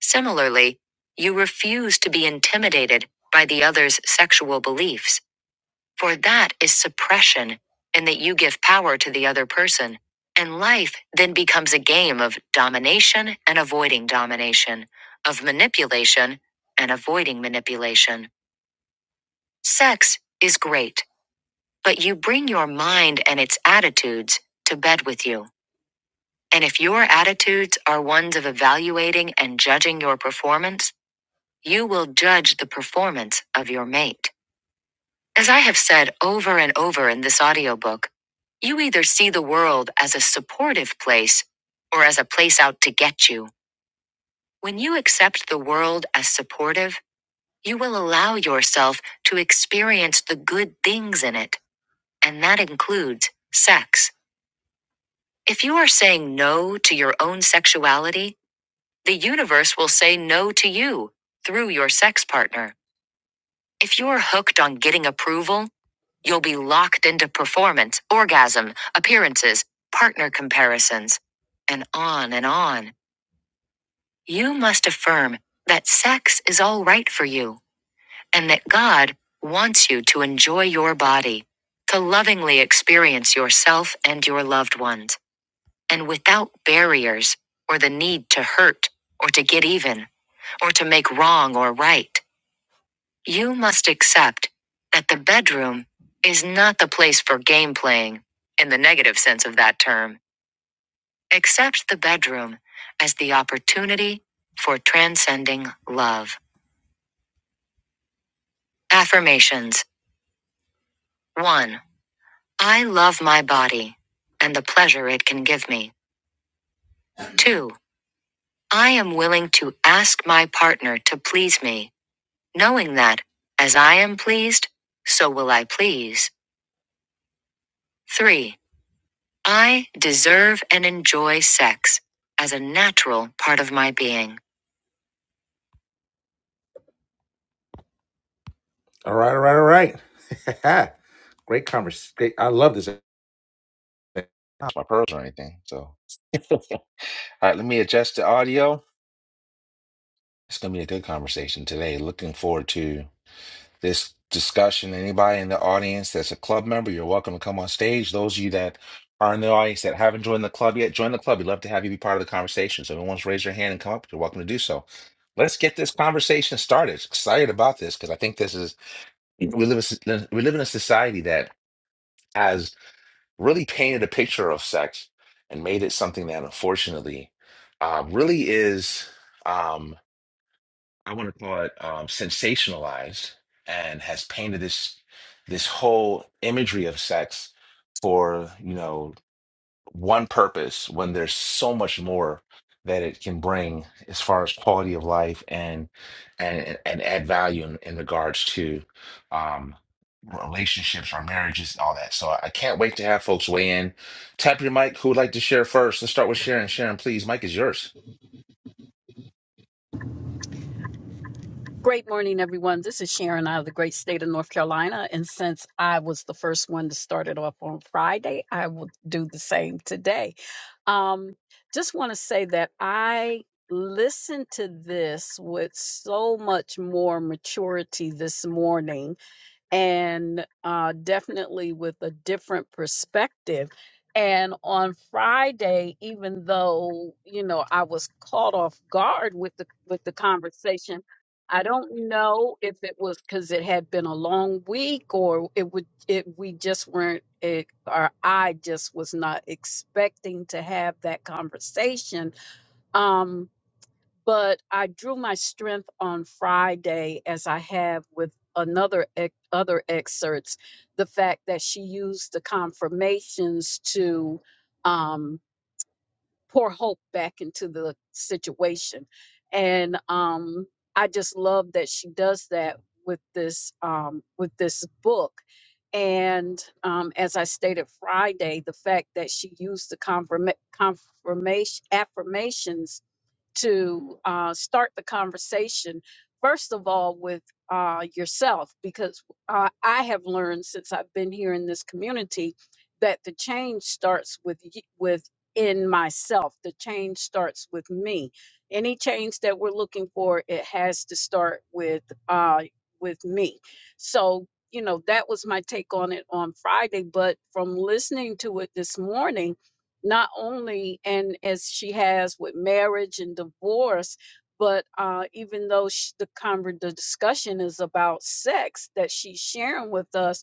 Similarly, you refuse to be intimidated by the other's sexual beliefs, for that is suppression, and that you give power to the other person. And life then becomes a game of domination and avoiding domination, of manipulation and avoiding manipulation. Sex is great, but you bring your mind and its attitudes to bed with you. And if your attitudes are ones of evaluating and judging your performance, you will judge the performance of your mate. As I have said over and over in this audiobook, you either see the world as a supportive place or as a place out to get you. When you accept the world as supportive, you will allow yourself to experience the good things in it, and that includes sex. If you are saying no to your own sexuality, The universe will say no to you through your sex partner. If you're hooked on getting approval, you'll be locked into performance, orgasm, appearances, partner comparisons, and on and on. You must affirm that sex is all right for you and that God wants you to enjoy your body, to lovingly experience yourself and your loved ones. and without barriers or the need to hurt or to get even or to make wrong or right. You must accept that the bedroom is not the place for game playing in the negative sense of that term. Accept the bedroom as the opportunity for transcending love. Affirmations 1. I love my body and the pleasure it can give me. 2. I am willing to ask my partner to please me knowing that, as I am pleased, so will I please. 3. I deserve and enjoy sex as a natural part of my being. All right, all right, all right. [LAUGHS] great conversation. Great. I love this. Not My pearls or anything. So, [LAUGHS] all right, let me adjust the audio. It's going to be a good conversation today. Looking forward to this discussion. Anybody in the audience that's a club member, you're welcome to come on stage. Those of you that are in the audience that haven't joined the club yet, join the club. We'd love to have you be part of the conversation. So if anyone wants to raise their hand and come up, you're welcome to do so. Let's get this conversation started. Excited about this because I think this is we live in- we live in a society that has really painted a picture of sex and made it something that unfortunately uh, really is. Um, I want to call it um, sensationalized and has painted this this whole imagery of sex for you know one purpose when there's so much more that it can bring as far as quality of life and and and add value in, in regards to um relationships or marriages and all that so i can't wait to have folks weigh in tap your mic who would like to share first let's start with sharon sharon please mic is yours Great morning, everyone. This is Sharon out of the great state of North Carolina. And since I was the first one to start it off on Friday, I will do the same today. Um, just want to say that I listened to this with so much more maturity this morning and uh, definitely with a different perspective. And on Friday, even though you know I was caught off guard with the with the conversation, I don't know if it was because it had been a long week or it would it we just weren't it, or I just was not expecting to have that conversation. Um, but I drew my strength on Friday as I have with another ex- other excerpts the fact that she used the confirmations to um pour hope back into the situation and um I just love that she does that with this um with this book and um as I stated Friday the fact that she used the confirm confirmation affirmations to uh, start the conversation, first of all, with uh, yourself, because uh, I have learned since I've been here in this community that the change starts with y- with in myself the change starts with me any change that we're looking for it has to start with uh with me so you know that was my take on it on friday but from listening to it this morning not only and as she has with marriage and divorce but uh, even though sh- the conver- the discussion is about sex that she's sharing with us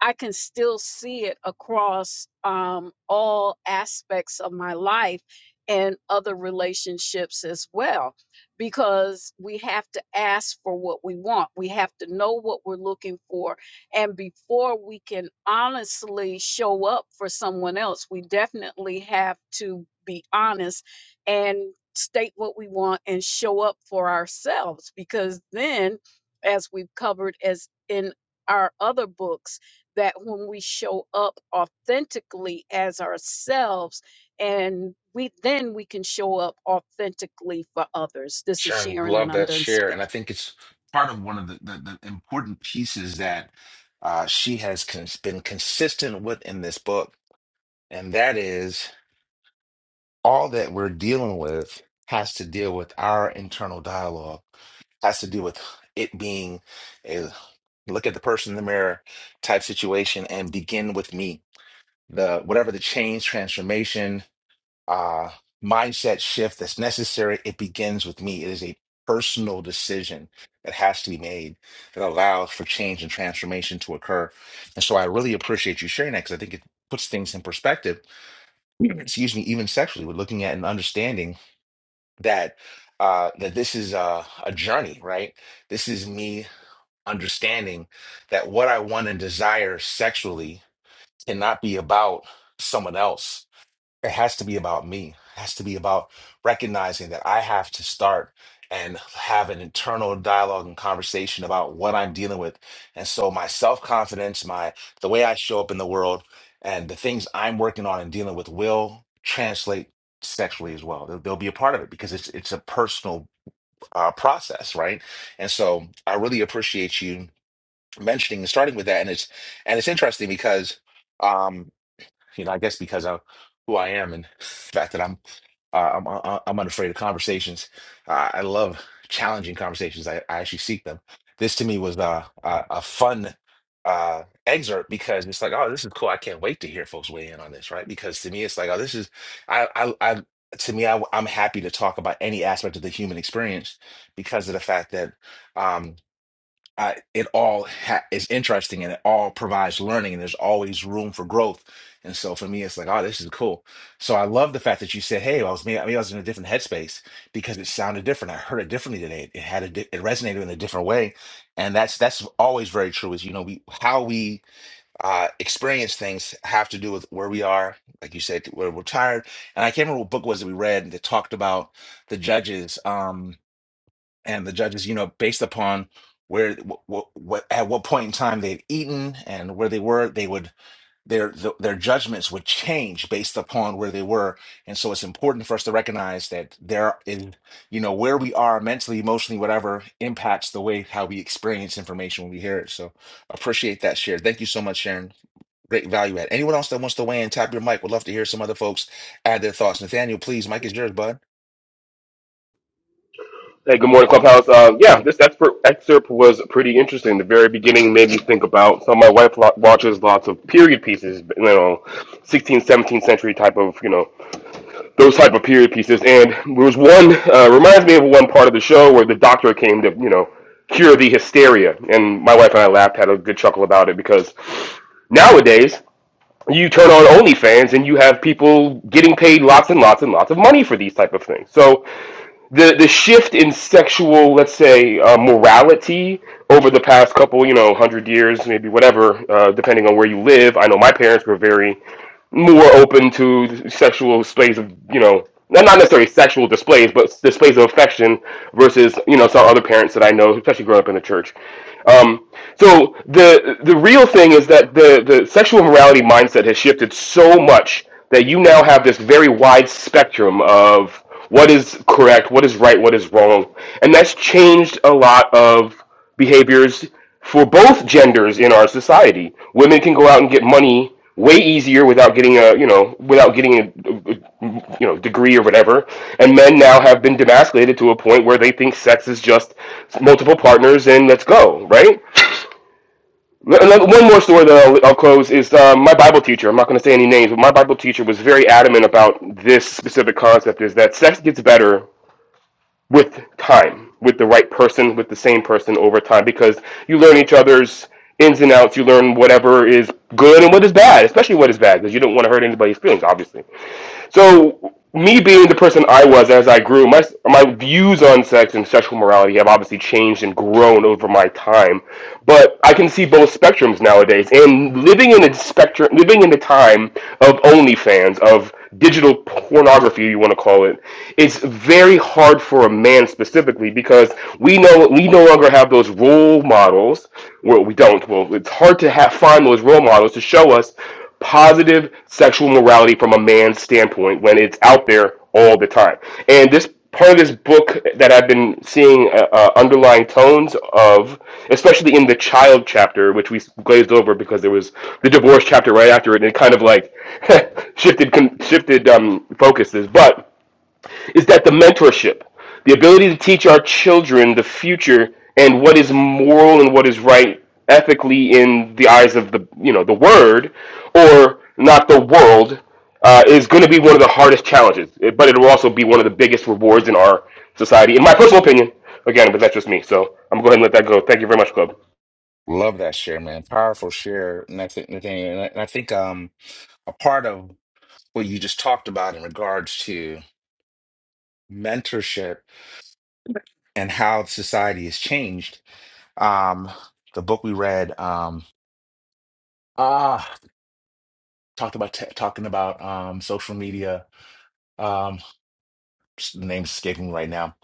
i can still see it across um, all aspects of my life and other relationships as well because we have to ask for what we want we have to know what we're looking for and before we can honestly show up for someone else, we definitely have to be honest and state what we want and show up for ourselves. Because then, as we've covered as in our other books, that when we show up authentically as ourselves, and we then we can show up authentically for others. This is Sure, I Sharon, love and I'm that done share, and I speaking. think it's part of one of the, the, the important pieces that uh, she has cons been consistent with in this book, and that is all that we're dealing with has to deal with our internal dialogue, has to do with it being a look at the person in the mirror type situation, and begin with me. The whatever the change, transformation, uh, mindset shift that's necessary. It begins with me. It is a personal decision that has to be made that allows for change and transformation to occur. And so I really appreciate you sharing that because I think it puts things in perspective, [CLEARS THROAT] excuse me, even sexually, we're looking at and understanding that uh, that this is a, a journey, right? This is me understanding that what I want and desire sexually cannot be about someone else it has to be about me. It has to be about recognizing that I have to start and have an internal dialogue and conversation about what I'm dealing with. And so my self-confidence, my the way I show up in the world and the things I'm working on and dealing with will translate sexually as well. They'll, they'll be a part of it because it's it's a personal uh, process, right? And so I really appreciate you mentioning and starting with that. And it's and it's interesting because um you know, I guess because of who I am and the fact that I'm uh, I'm uh, I'm unafraid of conversations. Uh, I love challenging conversations. I, I actually seek them. This to me was uh, a a fun uh, excerpt because it's like, oh, this is cool. I can't wait to hear folks weigh in on this, right? Because to me, it's like, oh, this is I I, I to me, I, I'm happy to talk about any aspect of the human experience because of the fact that um, I, it all ha is interesting and it all provides learning and there's always room for growth. And so for me, it's like, oh, this is cool. So I love the fact that you said, hey, I was maybe, maybe I was in a different headspace because it sounded different. I heard it differently today. It had a di- it resonated in a different way, and that's that's always very true. Is you know we how we uh, experience things have to do with where we are. Like you said, where we're tired. And I can't remember what book it was that we read that talked about the judges. Um, and the judges, you know, based upon where what, what at what point in time they'd eaten and where they were, they would their th- their judgments would change based upon where they were. And so it's important for us to recognize that there in you know where we are mentally, emotionally, whatever impacts the way how we experience information when we hear it. So appreciate that share. Thank you so much, Sharon. Great value add. Anyone else that wants to weigh in, tap your mic. we Would love to hear some other folks add their thoughts. Nathaniel, please, mic is yours, bud. Hey, good morning, Clubhouse. Uh, yeah, this expert excerpt was pretty interesting. The very beginning made me think about. So my wife lo- watches lots of period pieces, you know, 16th, 17th century type of, you know, those type of period pieces. And there was one uh, reminds me of one part of the show where the doctor came to, you know, cure the hysteria. And my wife and I laughed, had a good chuckle about it because Nowadays, you turn on OnlyFans and you have people getting paid lots and lots and lots of money for these type of things. So the the shift in sexual, let's say, uh, morality over the past couple, you know, hundred years, maybe whatever, uh, depending on where you live. I know my parents were very more open to sexual displays of you know not necessarily sexual displays but displays of affection versus you know some other parents that i know especially growing up in the church um, so the the real thing is that the the sexual morality mindset has shifted so much that you now have this very wide spectrum of what is correct what is right what is wrong and that's changed a lot of behaviors for both genders in our society women can go out and get money way easier without getting a you know without getting a, you know degree or whatever and men now have been demasculated to a point where they think sex is just multiple partners and let's go right one more story that I'll, I'll close is uh, my bible teacher i'm not going to say any names but my bible teacher was very adamant about this specific concept is that sex gets better with time, with the right person, with the same person over time, because you learn each other's ins and outs. You learn whatever is good and what is bad, especially what is bad, because you don't want to hurt anybody's feelings, obviously. So me being the person I was as I grew, my my views on sex and sexual morality have obviously changed and grown over my time. But I can see both spectrums nowadays, and living in a spectrum, living in the time of OnlyFans, of digital pornography, you want to call it, it's very hard for a man specifically because we know we no longer have those role models. Well, we don't. Well, it's hard to have find those role models to show us positive sexual morality from a man's standpoint when it's out there all the time. And this part of this book that I've been seeing uh, uh, underlying tones of, especially in the child chapter, which we glazed over because there was the divorce chapter right after it, and it kind of like [LAUGHS] shifted shifted um, focuses, but is that the mentorship, the ability to teach our children the future and what is moral and what is right ethically in the eyes of the you know the word or not the world uh, is going to be one of the hardest challenges, but it will also be one of the biggest rewards in our society, in my personal opinion. Again, but that's just me, so I'm going to go ahead and let that go. Thank you very much, Club. Love that share, man. Powerful share, Nath- Nathaniel. And I, and I think um, a part of what you just talked about in regards to mentorship and how society has changed. Um, the book we read, um, ah, talked about t talking about um, social media. Um, s- the name's escaping me right now.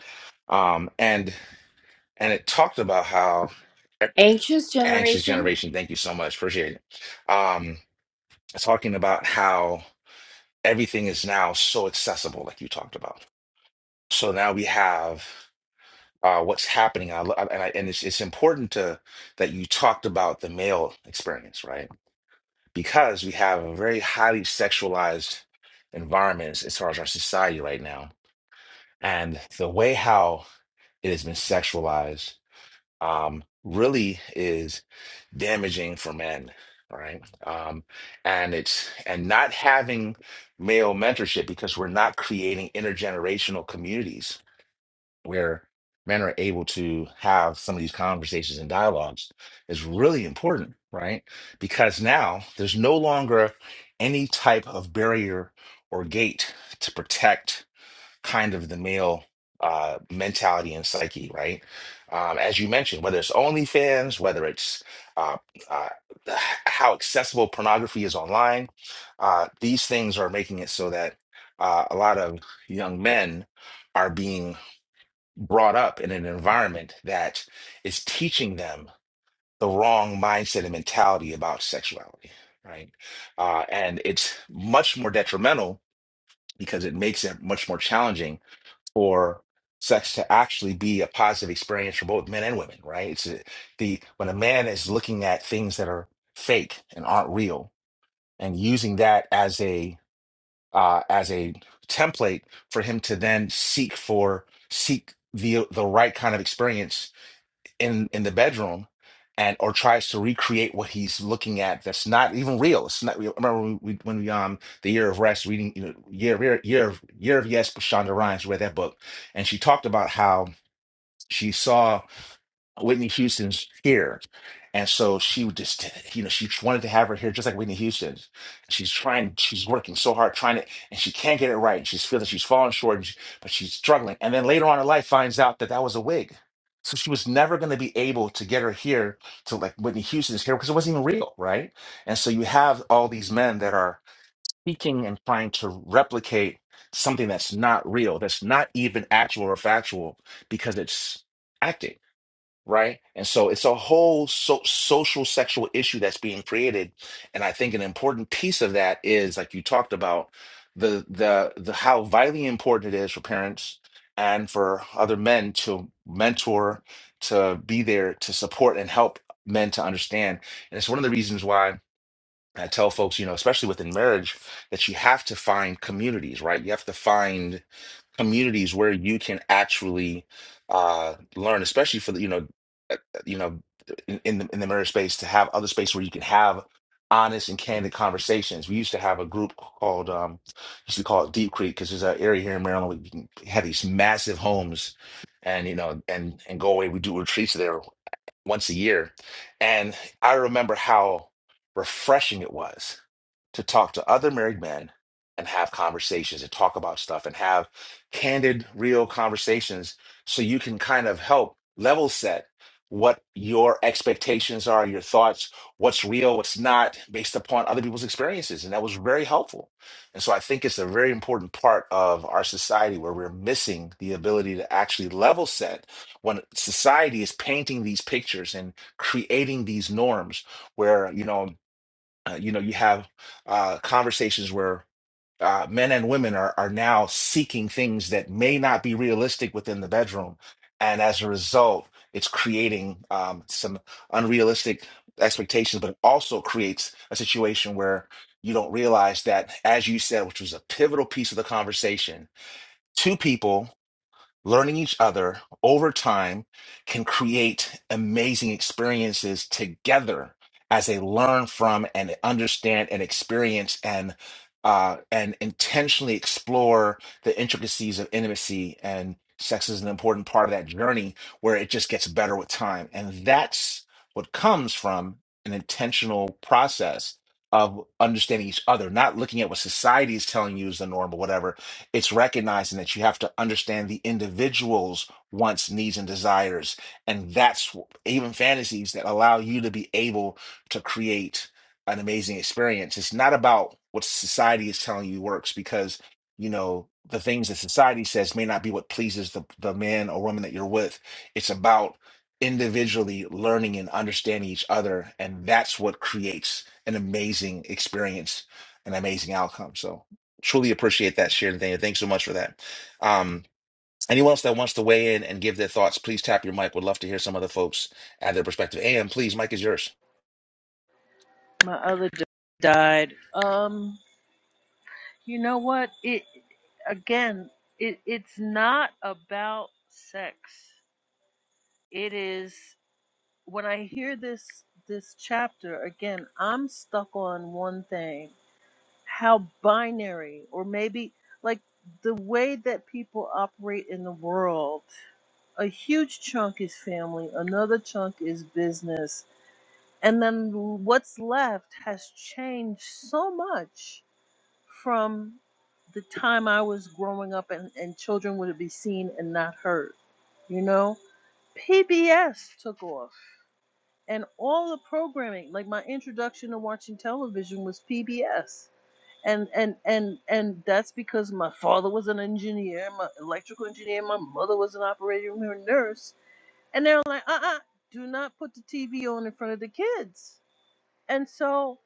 Um, and and it talked about how Anxious anxious generation generation. Thank you so much, appreciate it. Um, talking about how. everything is now so accessible, like you talked about. So now we have uh, what's happening, I, lo- and I, and it's it's important to that you talked about the male experience, right? Because we have a very highly sexualized environment as, as far as our society right now, and the way how it has been sexualized um, really is damaging for men, right? Um, and it's and not having male mentorship because we're not creating intergenerational communities where men are able to have some of these conversations and dialogues is really important, right? Because now there's no longer any type of barrier or gate to protect kind of the male uh, mentality and psyche, right? Um, as you mentioned, whether it's OnlyFans, whether it's uh, uh, [SIGHS] h- how accessible pornography is online, uh, these things are making it so that uh, a lot of young men are being brought up in an environment that is teaching them the wrong mindset and mentality about sexuality, right? Uh, and it's much more detrimental because it makes it much more challenging for sex to actually be a positive experience for both men and women, right? It's a, the when a man is looking at things that are fake and aren't real and using that as a uh, as a template for him to then seek for seek the the right kind of experience in in the bedroom and or tries to recreate what he's looking at that's not even real it's not real I remember when we when we um the year of rest reading you know year year year of year of yes shonda rhimes read that book and she talked about how she saw Whitney Houston's here. And so she would just, you know, she wanted to have her here just like Whitney Houston. She's trying, she's working so hard, trying to, and she can't get it right. And She's feeling she's falling short, and she- but she's struggling. And then later on in life finds out that that was a wig. So she was never going to be able to get her here to like Whitney Houston's here because it wasn't even real, right? And so you have all these men that are teaching and trying to replicate something that's not real, that's not even actual or factual because it's acting right? And so it's a whole so social sexual issue that's being created. And I think an important piece of that is, like you talked about, the the the how vitally important it is for parents and for other men to mentor, to be there to support and help men to understand. And it's one of the reasons why I tell folks, you know, especially within marriage, that you have to find communities, right? You have to find communities where you can actually uh, learn, especially for the you know uh, you know in, in the in the marriage space to have other space where you can have honest and candid conversations. We used to have a group called um used to call it Deep Creek because there's an area here in Maryland where you can have these massive homes and you know and and go away. We do retreats there once a year. And I remember how refreshing it was to talk to other married men and have conversations and talk about stuff and have candid, real conversations so you can kind of help level set what your expectations are, your thoughts, what's real, what's not, based upon other people's experiences. And that was very helpful. And so I think it's a very important part of our society where we're missing the ability to actually level set when society is painting these pictures and creating these norms where you know uh, you know you have uh, conversations where uh, men and women are are now seeking things that may not be realistic within the bedroom, and as a result, it's creating um, some unrealistic expectations, but it also creates a situation where you don't realize that, as you said, which was a pivotal piece of the conversation, two people learning each other over time can create amazing experiences together as they learn from and understand and experience and uh, and intentionally explore the intricacies of intimacy and sex is an important part of that journey where it just gets better with time and that's what comes from an intentional process of understanding each other not looking at what society is telling you is the norm or whatever it's recognizing that you have to understand the individual's wants, needs, and desires. And that's wh- even fantasies that allow you to be able to create an amazing experience. It's not about what society is telling you works because, you know, the things that society says may not be what pleases the, the man or woman that you're with. It's about individually learning and understanding each other. And that's what creates an amazing experience, an amazing outcome. So truly appreciate that share, Nathaniel. Thanks so much for that. Um, anyone else that wants to weigh in and give their thoughts, please tap your mic. Would love to hear some other folks add their perspective. And please, mic is yours. My other d- died. Um, you know what? It again, it it's not about sex. It is when I hear this this chapter again, I'm stuck on one thing. How binary or maybe like the way that people operate in the world. A huge chunk is family, another chunk is business, and then what's left has changed so much from the time I was growing up and, and children would be seen and not heard. You know, PBS took off and all the programming, like my introduction to watching television was PBS. And and and and that's because my father was an engineer, my electrical engineer, my mother was an operating room nurse, and they were like, uh uh, do not put the TV on in front of the kids. And so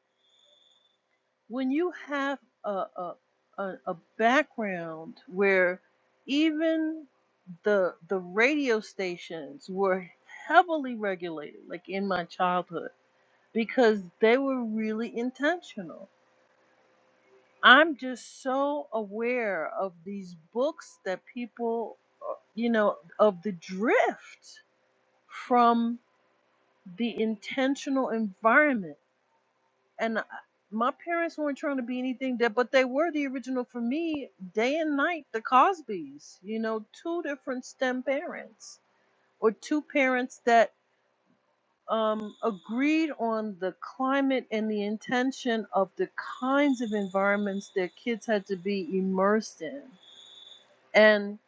when you have a, a, a, a background where even the the radio stations were heavily regulated like in my childhood because they were really intentional i'm just so aware of these books that people uh, you know of the drift from the intentional environment and I, my parents weren't trying to be anything that, but they were the original for me, day and night, the Cosbys. You know, two different STEM parents, or two parents that um, agreed on the climate and the intention of the kinds of environments their kids had to be immersed in. And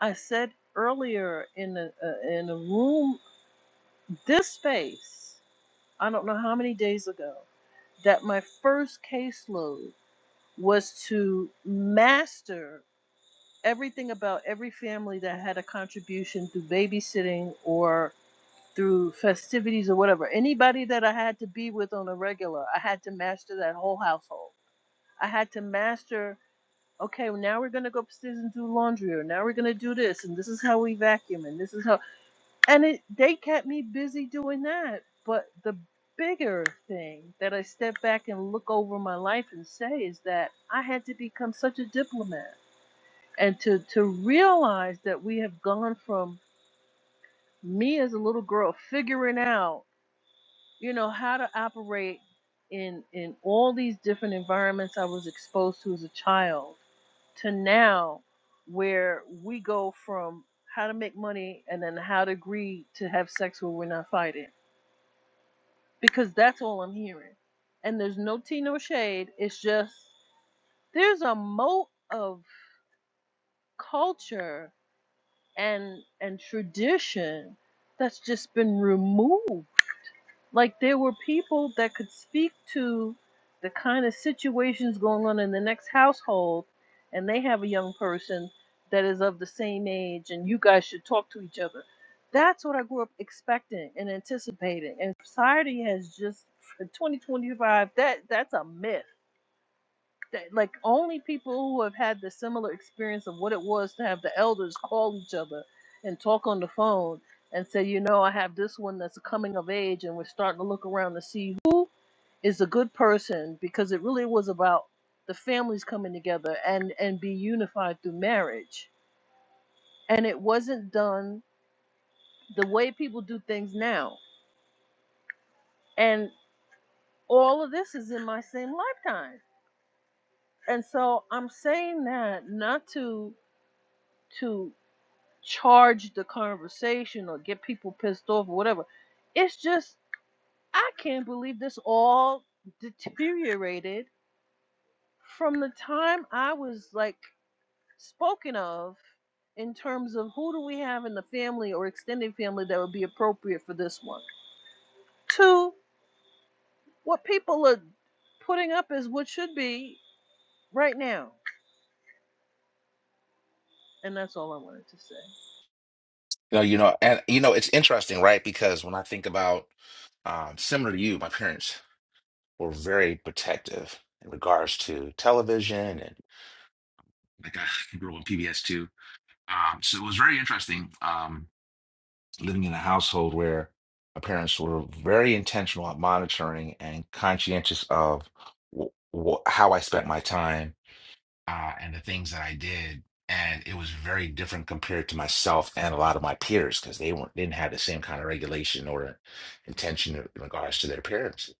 I said earlier in a, uh, in a room, this space, I don't know how many days ago, that my first caseload was to master everything about every family that had a contribution through babysitting or through festivities or whatever. Anybody that I had to be with on a regular, I had to master that whole household. I had to master, okay, well, now we're going to go upstairs and do laundry, or now we're going to do this, and this is how we vacuum, and this is how and it they kept me busy doing that but the bigger thing that i step back and look over my life and say is that i had to become such a diplomat and to to realize that we have gone from me as a little girl figuring out you know how to operate in in all these different environments i was exposed to as a child to now where we go from how to make money and then how to agree to have sex when we're not fighting because that's all I'm hearing. And there's no tea, no shade. It's just there's a moat of culture and and tradition that's just been removed like there were people that could speak to the kind of situations going on in the next household, and they have a young person that is of the same age, and you guys should talk to each other. That's what I grew up expecting and anticipating. And society has just, for 2025, that, that's a myth that like only people who have had the similar experience of what it was to have the elders call each other and talk on the phone and say, you know, I have this one that's coming of age, and we're starting to look around to see who is a good person because it really was about the families coming together and and be unified through marriage, and it wasn't done the way people do things now, and all of this is in my same lifetime, and so I'm saying that not to to charge the conversation or get people pissed off or whatever. It's just I can't believe this all deteriorated from the time I was like spoken of in terms of who do we have in the family or extended family that would be appropriate for this one. to what people are putting up as what should be right now. And that's all I wanted to say. You know, you know, and you know, it's interesting, right? Because when I think about um, similar to you, my parents were very protective in regards to television and like I grew up on PBS too. Um, so it was very interesting. Um, living in a household where my parents were very intentional at monitoring and conscientious of w- w- how I spent my time uh, and the things that I did. And it was very different compared to myself and a lot of my peers because they weren't didn't have the same kind of regulation or intention in regards to their parents.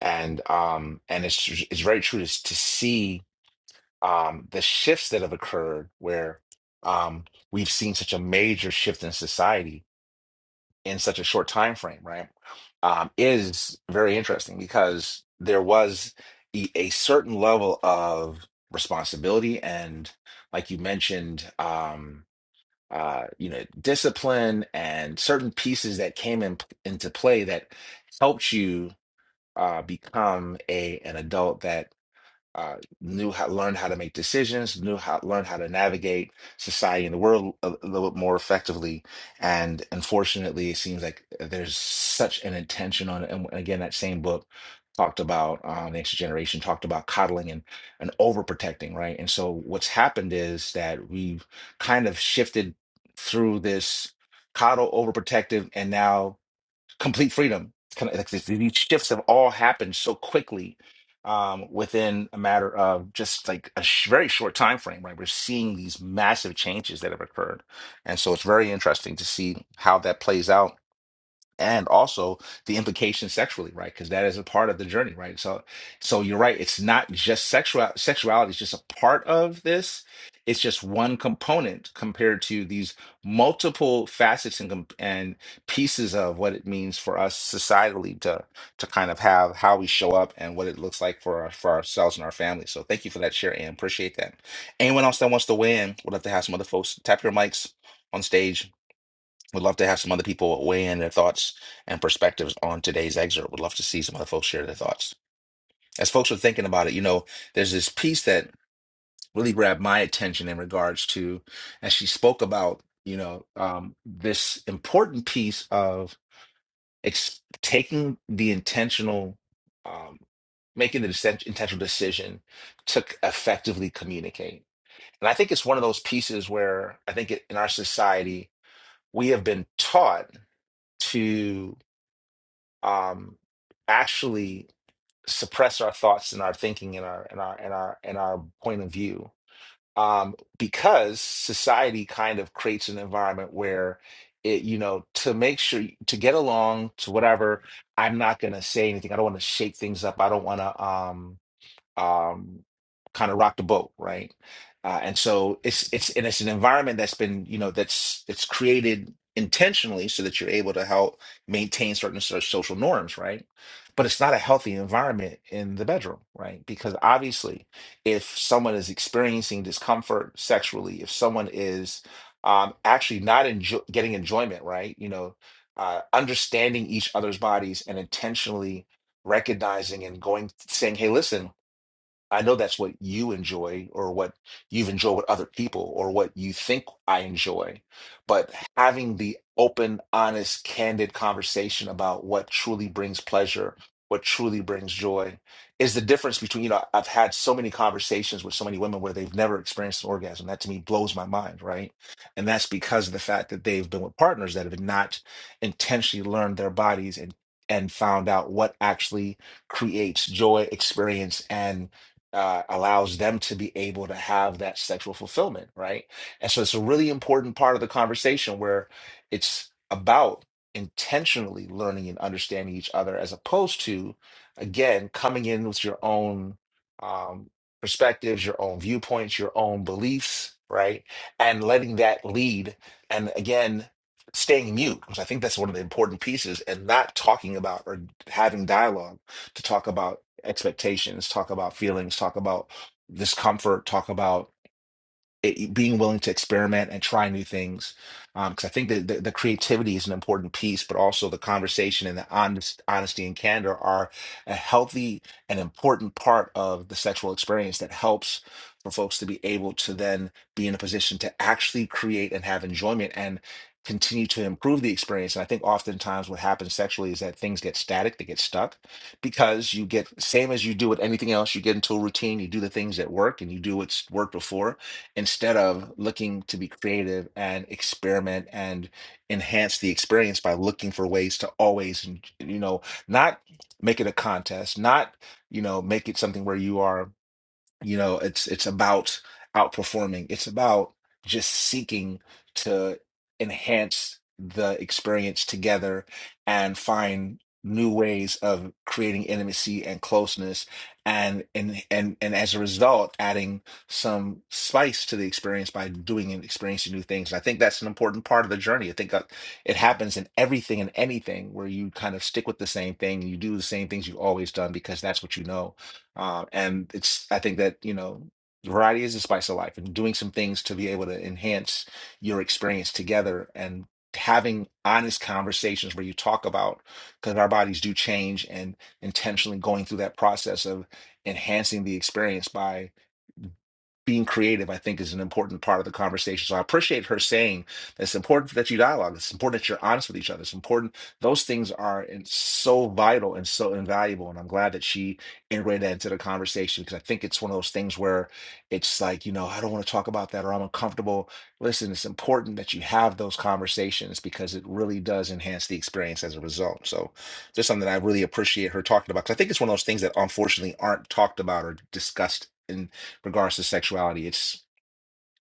And um, and it's tr- it's very true to, to see um, the shifts that have occurred where um, we've seen such a major shift in society in such a short time frame, right? Um, is very interesting because there was a, a certain level of responsibility and, like you mentioned, um, uh, you know, discipline and certain pieces that came in, into play that helped you uh, become a an adult that uh, knew how learned how to make decisions, knew how learned how to navigate society and the world a, little bit more effectively. And unfortunately, it seems like there's such an intention on it. And again, that same book talked about um, the next generation talked about coddling and and overprotecting, right? And so what's happened is that we've kind of shifted through this coddle overprotective, and now complete freedom. It's kind of like these these shifts have all happened so quickly um, within a matter of just like a sh- very short time frame. Right, we're seeing these massive changes that have occurred, and so it's very interesting to see how that plays out and also the implications sexually, right? Because that is a part of the journey, right? So, so you're right. It's not just sexual sexuality is just a part of this. It's just one component compared to these multiple facets and com- and pieces of what it means for us societally to to kind of have how we show up and what it looks like for our, for ourselves and our families. So, thank you for that share and appreciate that. Anyone else that wants to weigh in, we'll have to have some other folks tap your mics on stage would love to have some other people weigh in their thoughts and perspectives on today's excerpt. Would love to see some other folks share their thoughts. As folks are thinking about it, you know, there's this piece that really grabbed my attention in regards to, as she spoke about, you know, um, this important piece of ex- taking the intentional, um, making the dec- intentional decision to effectively communicate. And I think it's one of those pieces where I think it, in our society, we have been taught. to um, actually suppress our thoughts and our thinking and our and our and our and our point of view um, because society kind of creates an environment where it you know to make sure to get along to whatever i'm not going to say anything i don't want to shake things up i don't want to Um, um, kind of rock the boat, right? Uh, and so it's it's and it's an environment that's been you know that's it's created intentionally so that you're able to help maintain certain so- social norms, right? But it's not a healthy environment in the bedroom, right? Because obviously, if someone is experiencing discomfort sexually, if someone is um, actually not enjo- getting enjoyment, right? You know, uh, understanding each other's bodies and intentionally recognizing and going saying hey listen I know that's what you enjoy or what you've enjoyed with other people or what you think I enjoy, but having the open, honest, candid conversation about what truly brings pleasure, what truly brings joy is the difference between, you know, I've had so many conversations with so many women where they've never experienced an orgasm. That to me blows my mind, right? And that's because of the fact that they've been with partners that have not intentionally learned their bodies and and found out what actually creates joy, experience, and uh, allows them to be able to have that sexual fulfillment, right? And so it's a really important part of the conversation where it's about intentionally learning and understanding each other as opposed to, again, coming in with your own um, perspectives, your own viewpoints, your own beliefs, right? And letting that lead. And again, staying mute, because I think that's one of the important pieces, and not talking about or having dialogue to talk about expectations, talk about feelings, talk about discomfort, talk about it, being willing to experiment and try new things. Um, because I think that the, the creativity is an important piece, but also the conversation and the honest, honesty and candor are a healthy and important part of the sexual experience that helps for folks to be able to then be in a position to actually create and have enjoyment and continue to improve the experience. And I think oftentimes what happens sexually is that things get static, they get stuck because you get same as you do with anything else, you get into a routine, you do the things that work and you do what's worked before instead of looking to be creative and experiment and enhance the experience by looking for ways to always, you know, not make it a contest, not, you know, make it something where you are you know, it's it's about outperforming. It's about just seeking to enhance the experience together and find new ways of creating intimacy and closeness and and and and as a result adding some spice to the experience by doing and experiencing new things. And I think that's an important part of the journey. I think that it happens in everything and anything where you kind of stick with the same thing and you do the same things you've always done because that's what you know uh, and it's I think that you know variety is the spice of life, and doing some things to be able to enhance your experience together and having honest conversations where you talk about because our bodies do change and intentionally going through that process of enhancing the experience by being creative, I think, is an important part of the conversation. So I appreciate her saying that it's important that you dialogue. It's important that you're honest with each other. It's important. Those things are in- so vital and so invaluable. And I'm glad that she integrated that into the conversation because I think it's one of those things where it's like, you know, I don't want to talk about that or I'm uncomfortable. Listen, it's important that you have those conversations because it really does enhance the experience as a result. So just something that I really appreciate her talking about because I think it's one of those things that unfortunately aren't talked about or discussed regards to sexuality. It's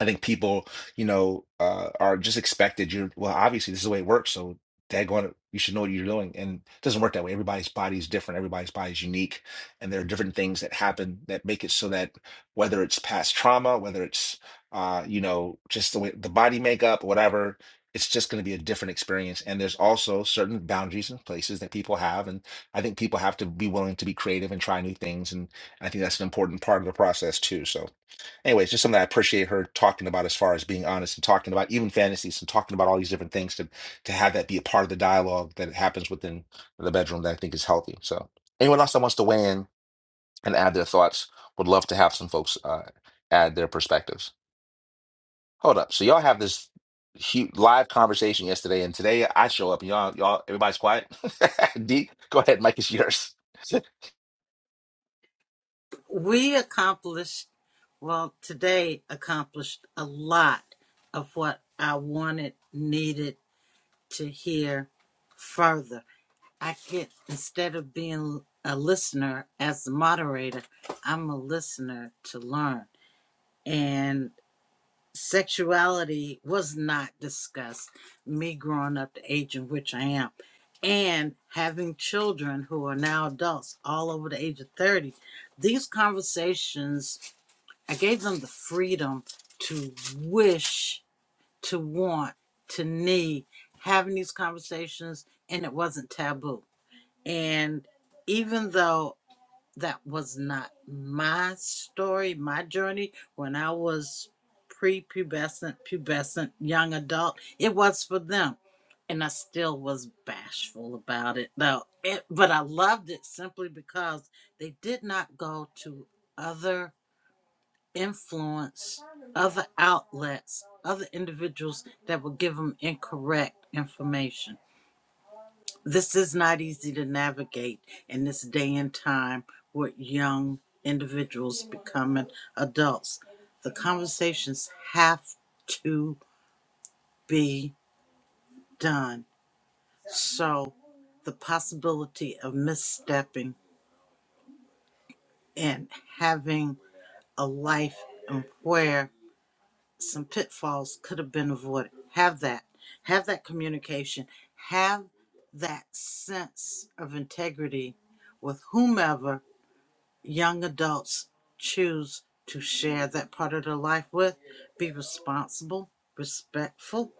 I think people, you know, uh, are just expected. You're well, obviously this is the way it works, so daggone it, you should know what you're doing. And it doesn't work that way. Everybody's body is different. Everybody's body is unique, and there are different things that happen that make it so that whether it's past trauma, whether it's uh, you know, just the way the body makeup, whatever, it's just going to be a different experience. And there's also certain boundaries and places that people have, and I think people have to be willing to be creative and try new things. And I think that's an important part of the process too. So anyways, just something I appreciate her talking about as far as being honest and talking about even fantasies and talking about all these different things to to have that be a part of the dialogue that happens within the bedroom that I think is healthy. So anyone else that wants to weigh in and add their thoughts would love to have some folks uh, add their perspectives. Hold up. So y'all have this huge live conversation yesterday and today I show up and y'all y'all everybody's quiet. [LAUGHS] D, go ahead, Mike is yours. [LAUGHS] We accomplished, well, today accomplished a lot of what I wanted, needed to hear further I get instead of being a listener as the moderator, I'm a listener to learn. And sexuality was not discussed. Me growing up the age in which I am, and having children who are now adults, all over the age of thirty, these conversations I gave them the freedom to wish, to want, to need having these conversations, and it wasn't taboo and even though that was not my story, my journey, when I was prepubescent, pubescent, young adult, it was for them. And I still was bashful about it, though. It, but I loved it simply because they did not go to other influence, other outlets, other individuals that would give them incorrect information this is not easy to navigate in this day and time with young individuals becoming adults. The conversations have to be done. So, the possibility of misstepping and having a life and where some pitfalls could have been avoided. Have that. Have that communication. Have that sense of integrity with whomever young adults choose to share that part of their life with, be responsible, respectful,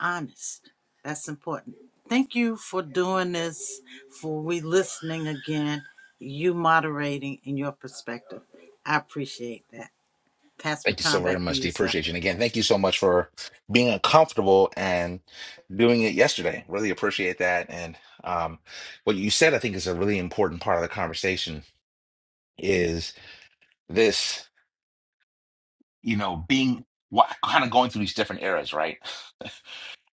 honest. That's important. Thank you for doing this, for we listening again, you moderating in your perspective. I appreciate that. Pass the Thank you so time very back to much. you, D. sir. Appreciate you. And again, thank you so much for being uncomfortable and doing it yesterday. Really appreciate that. And um, what you said, I think, is a really important part of the conversation is this, you know, being what kind of going through these different eras, right? [LAUGHS]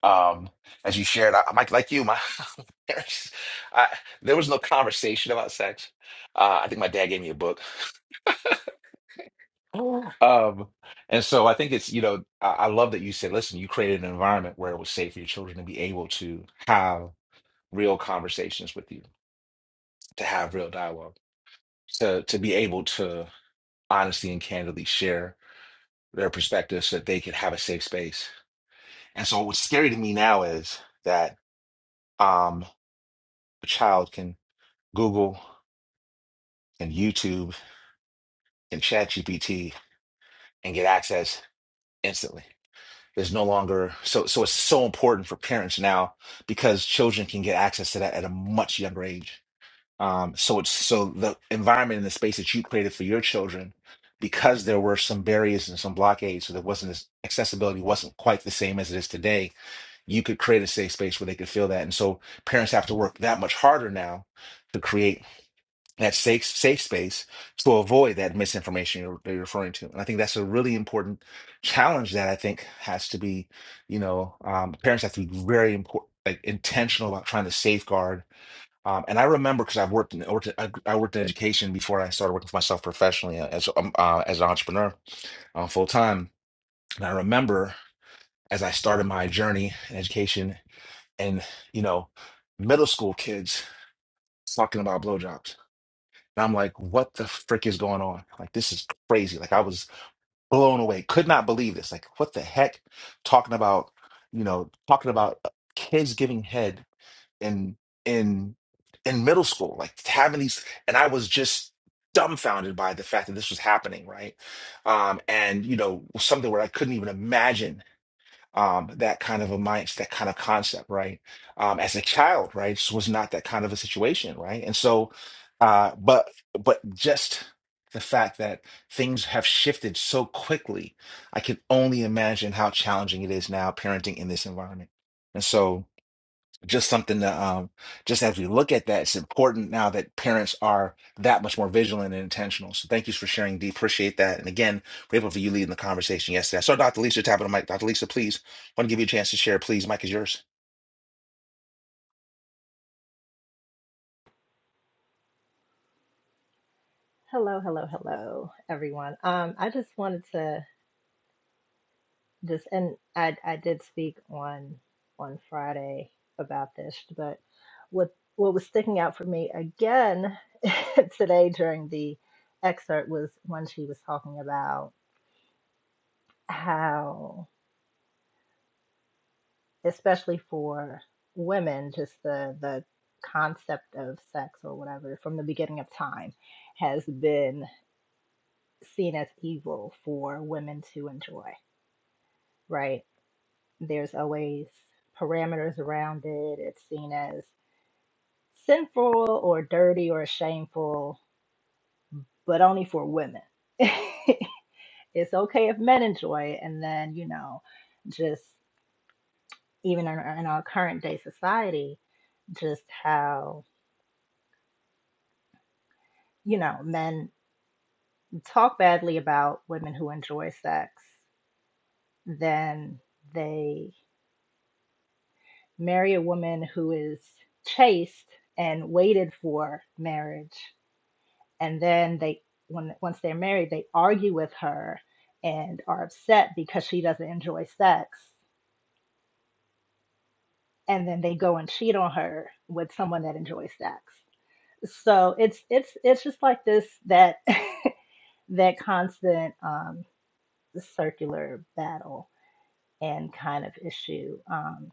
Um, as you shared, I, Mike, like you, my [LAUGHS] parents, I, there was no conversation about sex. Uh, I think my dad gave me a book. [LAUGHS] Um, and so I think it's, you know, I, I love that you said, listen, you created an environment where it was safe for your children to be able to have real conversations with you, to have real dialogue, to to be able to honestly and candidly share their perspectives so that they could have a safe space. And so what's scary to me now is that um a child can Google and YouTube and ChatGPT and get access instantly. There's no longer so so it's so important for parents now because children can get access to that at a much younger age. Um, so it's so the environment and the space that you created for your children, because there were some barriers and some blockades, so there wasn't this accessibility wasn't quite the same as it is today. You could create a safe space where they could feel that, and so parents have to work that much harder now to create that safe safe space to avoid that misinformation you're, that you're referring to. And I think that's a really important challenge that I think has to be, you know, um, parents have to be very important, like intentional about trying to safeguard. Um, and I remember because I've worked in I worked, in- I I worked in education before I started working for myself professionally uh, as um, uh, as an entrepreneur uh, full time. And I remember as I started my journey in education, and you know, middle school kids talking about blowjobs and I'm like, what the frick is going on? Like, this is crazy. Like, I was blown away. Could not believe this. Like, what the heck? Talking about, you know, talking about uh, kids giving head in in in middle school, like having these, and I was just dumbfounded by the fact that this was happening, right? Um, and you know, something where I couldn't even imagine um, that kind of a mind, that kind of concept, right? Um, as a child, right, just was not that kind of a situation, right? And so, uh, but but just the fact that things have shifted so quickly, I can only imagine how challenging it is now parenting in this environment. And so just something that um just as we look at that it's important now that parents are that much more vigilant and intentional so thank you for sharing Dee. appreciate that and again grateful for you leading the conversation yesterday i saw dr lisa tapping the mic dr lisa please want to give you a chance to share please mic is yours Hello, hello, hello, everyone. Um, I just wanted to just and I I did speak on on Friday about this, but what what was sticking out for me again [LAUGHS] today during the excerpt was when she was talking about how especially for women just the the concept of sex or whatever from the beginning of time has been seen as evil for women to enjoy, right? There's always parameters around it. It's seen as sinful or dirty or shameful, but only for women. [LAUGHS] it's okay if men enjoy it. And then, you know, just even in, in our current day society, just how, you know, men talk badly about women who enjoy sex, then they marry a woman who is chaste and waited for marriage and then they when once they're married they argue with her and are upset because she doesn't enjoy sex and then they go and cheat on her with someone that enjoys sex so it's it's it's just like this that [LAUGHS] that constant um circular battle and kind of issue um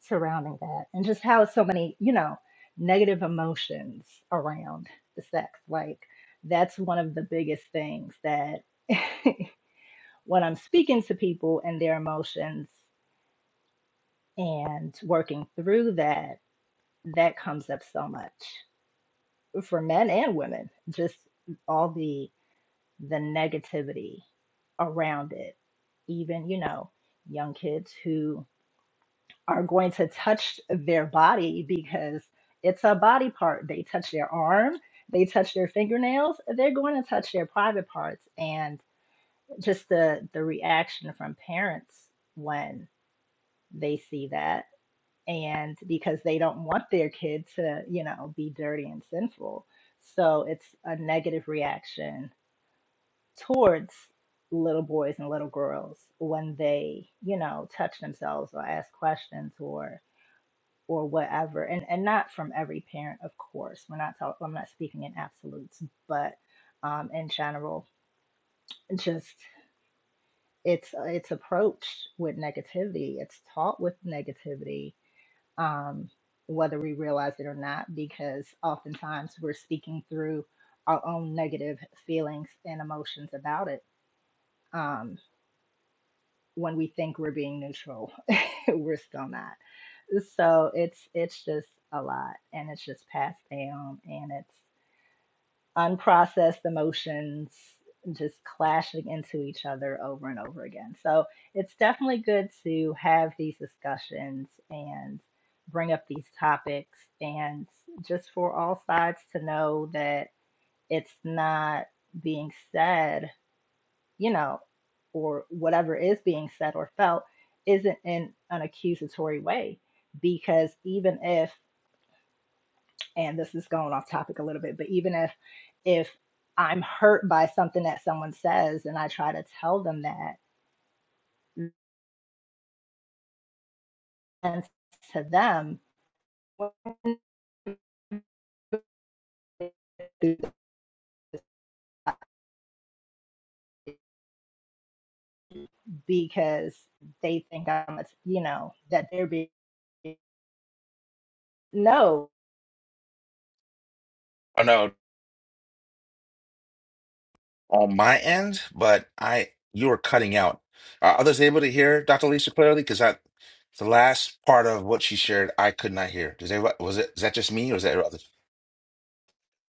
surrounding that and just how so many you know negative emotions around the sex like that's one of the biggest things that [LAUGHS] when I'm speaking to people and their emotions and working through that, that comes up so much for men and women, just all the the negativity around it. Even, you know, young kids who are going to touch their body because it's a body part. They touch their arm, they touch their fingernails, they're going to touch their private parts and just the the reaction from parents when. they see that and because they don't want their kid to you know be dirty and sinful so it's a negative reaction towards little boys and little girls when they you know touch themselves or ask questions or or whatever and and not from every parent of course we're not talking i'm not speaking in absolutes but um in general just it's it's approached with negativity it's taught with negativity um, whether we realize it or not, because oftentimes we're speaking through our own negative feelings and emotions about it. Um, when we think we're being neutral, [LAUGHS] we're still not. So it's it's just a lot, and it's just passed down, and it's unprocessed emotions just clashing into each other over and over again. So it's definitely good to have these discussions and bring up these topics and just for all sides to know that it's not being said, you know, or whatever is being said or felt isn't in an accusatory way because even if and this is going off topic a little bit, but even if if I'm hurt by something that someone says and I try to tell them that and to them because they think I'm a, you know that they're being no oh no on my end but i you are cutting out are others able to hear dr lisa clearly because i the last part of what she shared i could not hear does everybody was it is that just me or is that others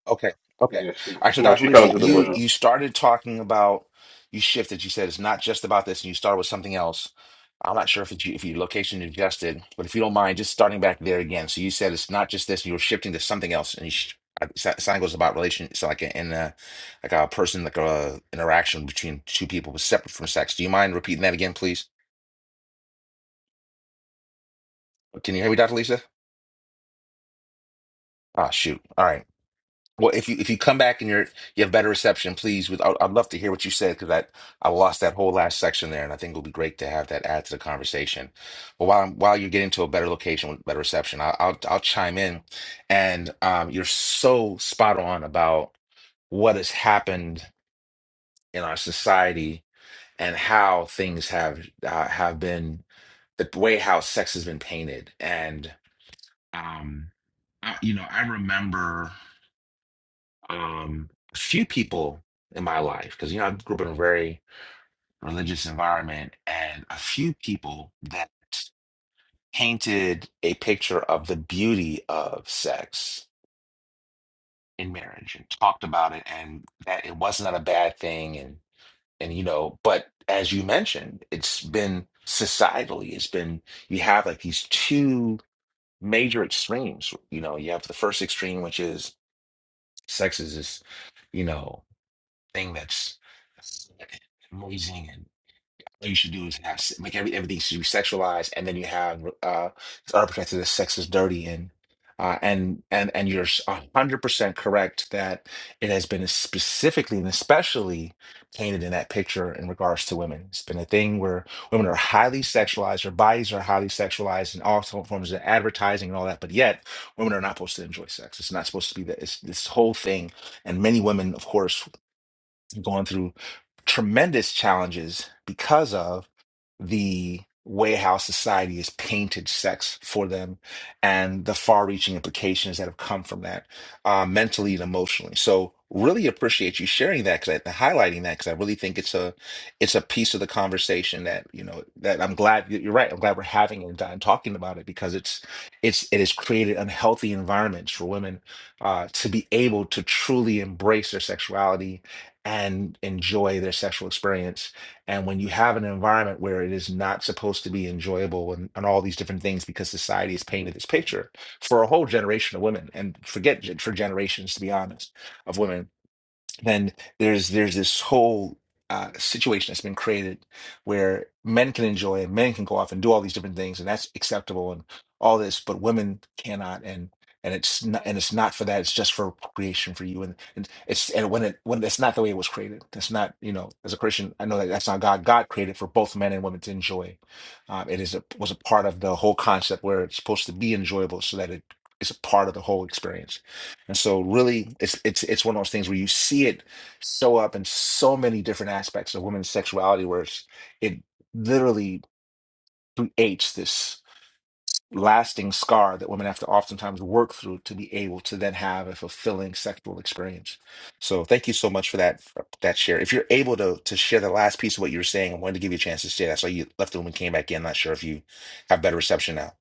Okay. Okay. All Yeah, she right. So, No, Dr. she fell Lisa, she into the cut you bushes. out you started talking about you shifted. You said it's not just about this, and you started with something else. I'm not sure if it's you, if your location adjusted, but if you don't mind, just starting back there again. So you said it's not just this. You were shifting to something else, and you sh I- so- something was about relation. So like in a like a person like a interaction between two people was separate from sex. Do you mind repeating that again, please? Can you hear me, Dr. Lisa? Ah, shoot. All right. Well, if you if you come back and you're you have better reception, please. With I'd, I'd love to hear what you said because I I lost that whole last section there, and I think it will be great to have that add to the conversation. But while I'm, while you're getting to a better location with better reception, I'll I'll, I'll chime in, and um, you're so spot on about what has happened in our society and how things have uh, have been the way how sex has been painted, and um, I, you know I remember um, a few people in my life, because you know I grew up in a very religious environment, and a few people that painted a picture of the beauty of sex in marriage and talked about it, and that it was not a bad thing, and and you know, but as you mentioned, it's been societally, it's been you have like these two major extremes. You know, you have the first extreme, which is sex is this, you know. thing that's amazing and all you should do is have se- make every, everything should be sexualized and then you have uh it's unprotected as sex is dirty and uh and and and you're s- a 100% correct that it has been specifically and especially painted in that picture in regards to women it's been a thing where women are highly sexualized their bodies are highly sexualized in all sort- forms of advertising and all that but yet women are not supposed to enjoy sex it's not supposed to be that it's this whole thing and many women of course going through tremendous challenges because of the way how society has painted sex for them and the far reaching implications that have come from that uh, mentally and emotionally. So really appreciate you sharing that because I highlighting that because I really think it's a it's a piece of the conversation that you know that I'm glad you're right. I'm glad we're having it and talking about it because it's it's it has created unhealthy environments for women uh, to be able to truly embrace their sexuality and enjoy their sexual experience. And when you have an environment where it is not supposed to be enjoyable and, and all these different things because society has painted this picture for a whole generation of women and forget gen- for generations, to be honest, of women then there's there's this whole uh, situation that's been created where men can enjoy and men can go off and do all these different things and that's acceptable and all this, but women cannot and and it's not and it's not for that. It's just for creation for you and, and it's and when it when it's not the way it was created. That's not you know as a Christian I know that that's not God. God created for both men and women to enjoy. Um, it is a, was a part of the whole concept where it's supposed to be enjoyable so that it is a part of the whole experience and so really it's it's it's one of those things where you see it show up in so many different aspects of women's sexuality where it's, it literally creates this lasting scar that women have to oftentimes work through to be able to then have a fulfilling sexual experience. So thank you so much for that for that share. If you're able to to share the last piece of what you were saying, I wanted to give you a chance to say that. So you left the room and came back in. Not sure if you have better reception now.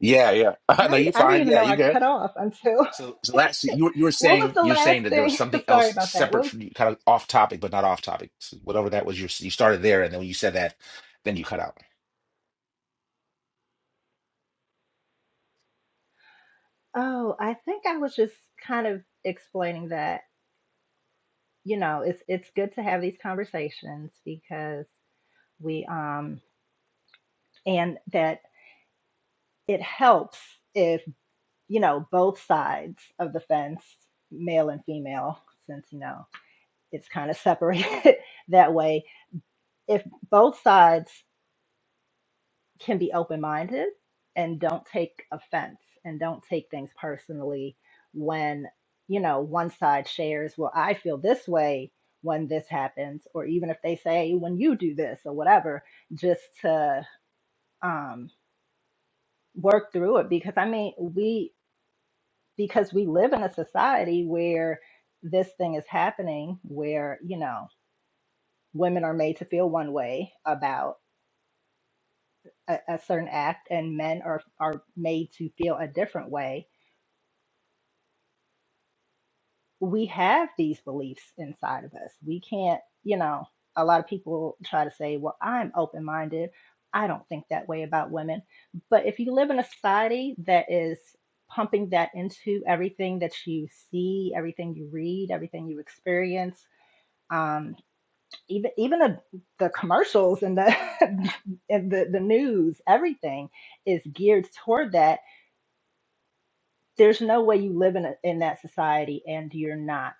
Yeah, yeah. I, [LAUGHS] no, would- you're I didn't fine. even Yeah, know you I good. cut off until [LAUGHS] So, so that's you. were- You were what was saying the you're last saying that there was thing something [LAUGHS] else sorry about that what separate was, from kind of off topic, but not off topic. So whatever that was, you you started there, and then when you said that, then you cut out. oh I think I was just kind of explaining that you know it's it's good to have these conversations because we um and that it helps if you know both sides of the fence male and female since you know it's kind of separated [LAUGHS] that way if both sides can be open-minded and don't take offense and don't take things personally when you know one side shares well i feel this way when this happens or even if they say when you do this or whatever just to um, work through it because i mean we because we live in a society where this thing is happening where you know women are made to feel one way about a, a certain act and men are are made to feel a different way we have these beliefs inside of us we can't you know a lot of people try to say well i'm open minded i don't think that way about women but if you live in a society that is pumping that into everything that you see everything you read everything you experience um, even even the, the commercials and the [LAUGHS] and the, the news everything is geared toward that there's no way you live in, a, in that society and you're not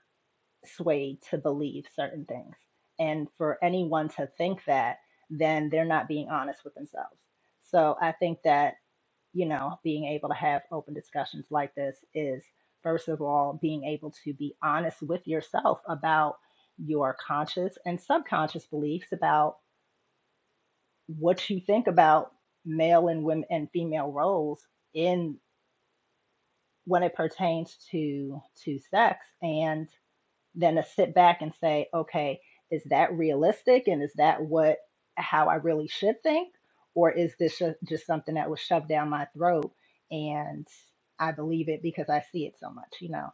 swayed to believe certain things and for anyone to think that then they're not being honest with themselves so i think that you know being able to have open discussions like this is first of all being able to be honest with yourself about your conscious and subconscious beliefs about what you think about male and women and female roles in when it pertains to to sex. And than to sit back and say, okay, is that realistic? And is that what, how I really should think? Or is this ju- just something that was shoved down my throat and I believe it because I see it so much, you know?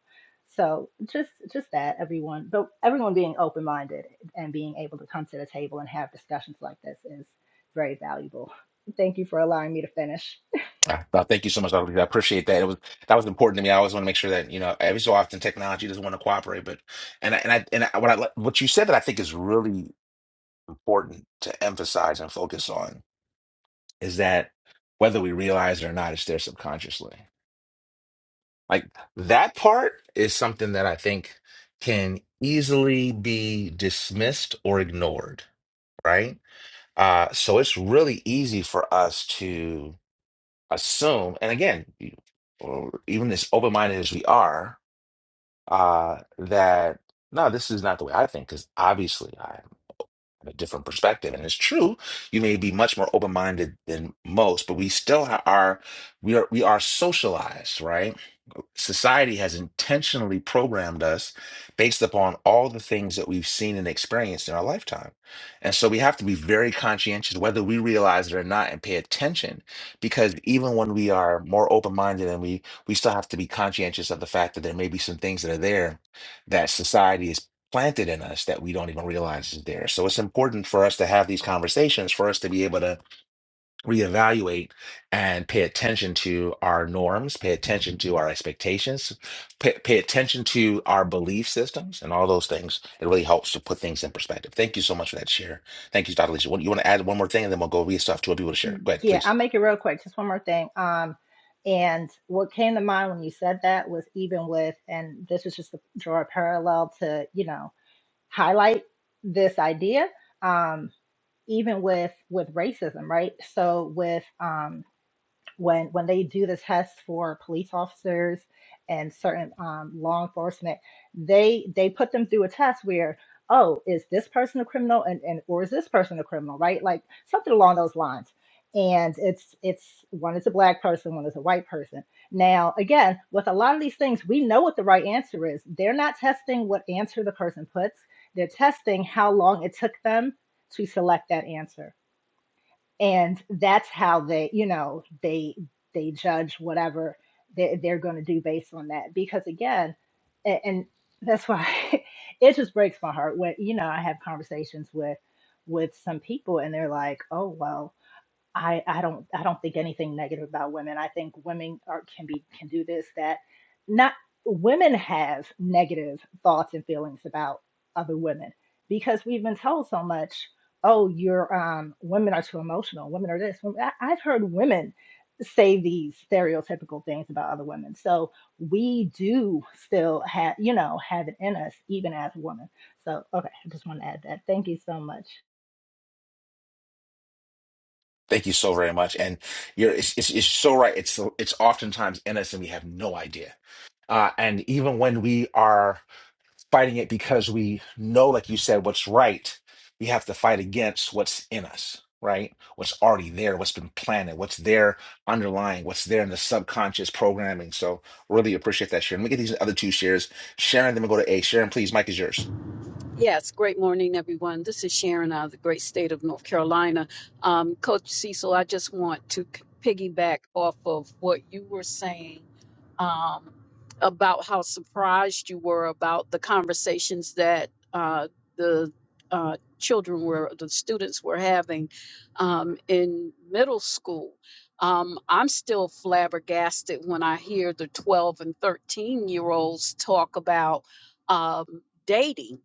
So just, just that everyone, but everyone being open-minded and being able to come to the table and have discussions like this is very valuable. Thank you for allowing me to finish. Ah, well, thank you so much, Dr. Lisa. I appreciate that. It was that was important to me. I always want to make sure that you know every so often technology doesn't want to cooperate, but and I, and I, and I, what I li- what you said that I think is really important to emphasize and focus on is that whether we realize it or not, it's there subconsciously Like that part is something that I think can easily be dismissed or ignored, right? Uh, so it's really easy for us to assume, and again, you- or even as open-minded as we are, uh, that no, this is not the way I think, because obviously I have a different perspective. And it's true, you may be much more open-minded than most, but we still ha- are we are we are socialized, right? society has intentionally programmed us based upon all the things that we've seen and experienced in our lifetime. And so we have to be very conscientious, whether we realize it or not, and pay attention. Because even when we are more open minded and we, we still have to be conscientious of the fact that there may be some things that are there that society is planted in us that we don't even realize is there. So it's important for us to have these conversations, for us to be able to reevaluate and pay attention to our norms, pay attention to our expectations, pay, pay attention to our belief systems, and all those things. It really helps to put things in perspective. Thank you so much for that share. Thank you, Dr. Lisa. You want to add one more thing, and then we'll go read stuff to other people to share. Go ahead, Yeah, I'll please. make it real quick. Just one more thing. Um, and what came to mind when you said that was even with, and this was just to draw a parallel to, you know, highlight this idea. Um, even with with racism, right? So with um when when they do the test for police officers and certain um, law enforcement, they they put them through a test where oh is this person a criminal and, and or is this person a criminal right like something along those lines and it's it's one is a black person one is a white person now again with a lot of these things we know what the right answer is they're not testing what answer the person puts they're testing how long it took them to select that answer and that's how they you know they they judge whatever they, they're going to do based on that because again and, and that's why [LAUGHS] it just breaks my heart when you know i have conversations with with some people and they're like oh well I, I don't I don't think anything negative about women. I think women are can be can do this that not women have negative thoughts and feelings about other women because we've been told so much. Oh, you're um, women are too emotional. Women are this. Well, I, I've heard women say these stereotypical things about other women. So we do still have you know have it in us even as women. So okay, I just want to add that. Thank you so much. Thank you so very much. And you're it's, it's, it's so right. It's it's oftentimes in us, and we have no idea. Uh, and even when we are fighting it because we know, like you said, what's right. We have to fight against what's in us, right? What's already there, what's been planted, what's there underlying, what's there in the subconscious programming. So really appreciate that, Sharon. Let me get these other two shares. Sharon, then we go to A. Sharon, please, Mike is yours. Yes, great morning, everyone. This is Sharon out of the great state of North Carolina. Um, Coach Cecil, I just want to c- piggyback off of what you were saying um, about how surprised you were about the conversations that uh, the uh, children were, the students were having um, in middle school. Um, I'm still flabbergasted when I hear the 12 and 13 year olds talk about um, dating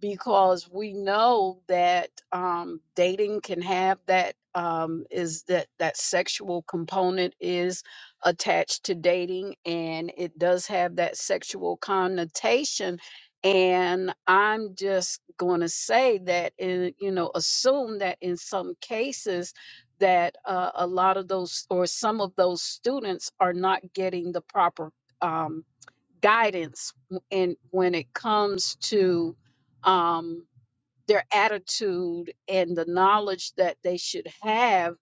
because we know that um, dating can have that um, is that that sexual component is attached to dating and it does have that sexual connotation and i'm just going to say that in you know assume that in some cases that uh, a lot of those or some of those students are not getting the proper um, guidance w- in when it comes to um, their attitude and the knowledge that they should have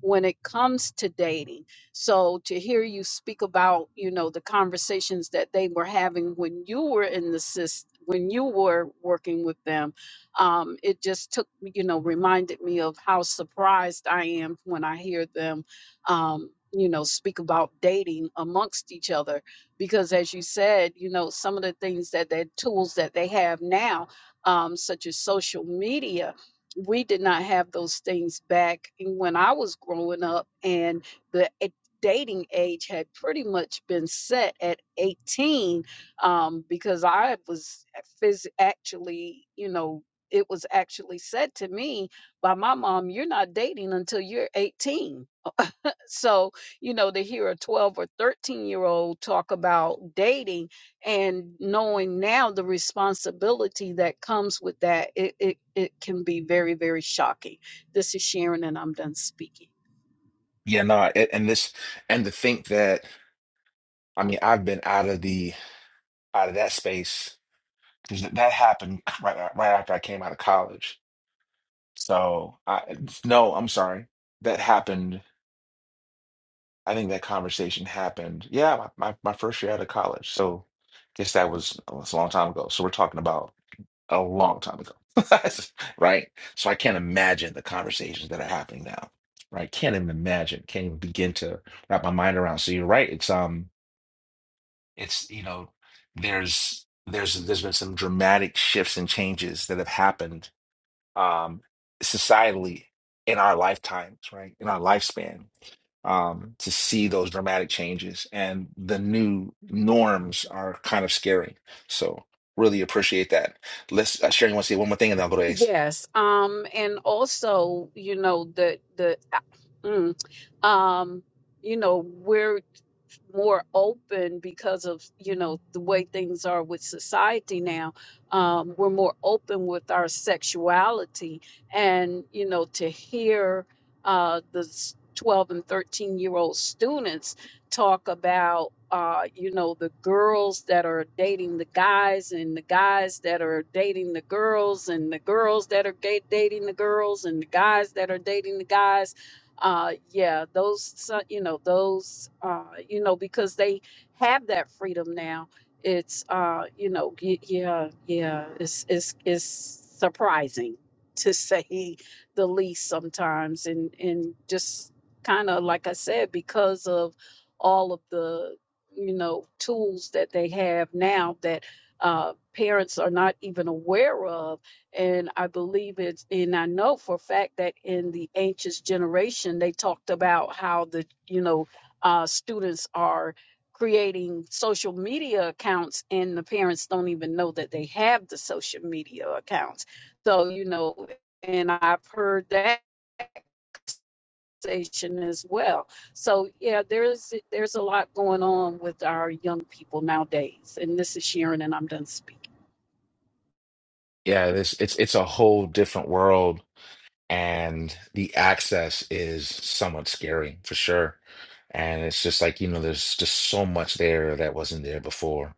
when it comes to dating. So to hear you speak about, you know, the conversations that they were having when you were in the system, when you were working with them, um, it just took, me- you know, reminded me of how surprised I am when I hear them, um, you know, speak about dating amongst each other. Because as you said, you know, some of the things that the tools that they have now um, such as social media, we did not have those things back when I was growing up, and the a- dating age had pretty much been set at 18 um, because I was phys- actually, you know, it was actually said to me by my mom, you're not dating until you're 18 so you know to hear a 12 or 13 year old talk about dating and knowing now the responsibility that comes with that it, it, it can be very very shocking this is sharon and i'm done speaking Yeah, no, a- and this and to think that I mean I've been out of the out of that space because that happened [LAUGHS] right right after I came out of college. So I no, I'm sorry. That happened I think that conversation happened. Yeah, my, my, my first year out of college. So guess that was, oh, it's a long time ago. So we're talking about a long time ago. [LAUGHS] Right? So I can't imagine the conversations that are happening now. Right? Can't even imagine. Can't even begin to wrap my mind around. So you're right. It's um it's you know, there's there's there's been some dramatic shifts and changes that have happened um, societally in our lifetimes, right? In our lifespan, um, to see those dramatic changes and the new norms are kind of scary. So really appreciate that. Let's uh, Sharon, you want to say one more thing, and then I'll go to Ace. Yes, um, and also, you know, the the mm, um, you know, we're more open because of, you know, the way things are with society now. Um, we're more open with our sexuality and, you know, to hear uh the s- 12 and 13 year old students talk about uh you know the girls that are dating the guys and the guys that are dating the girls and the girls that are ga- dating the girls and the guys that are dating the guys uh yeah those so- you know those uh you know because they have that freedom now it's uh you know y- yeah yeah it's it's it's surprising to [LAUGHS] say the least sometimes and and just kind of like I said because of all of the you know tools that they have now that uh, parents are not even aware of and i believe it's and i know for a fact that in the ancient generation they talked about how the you know uh, students are creating social media accounts and the parents don't even know that they have the social media accounts so you know and i've heard that station as well. So yeah, there's there's a lot going on with our young people nowadays. And this is Sharon, and I'm done speaking. Yeah, this it's it's a whole different world, and the access is somewhat scary for sure. And it's just like, you know, there's just so much there that wasn't there before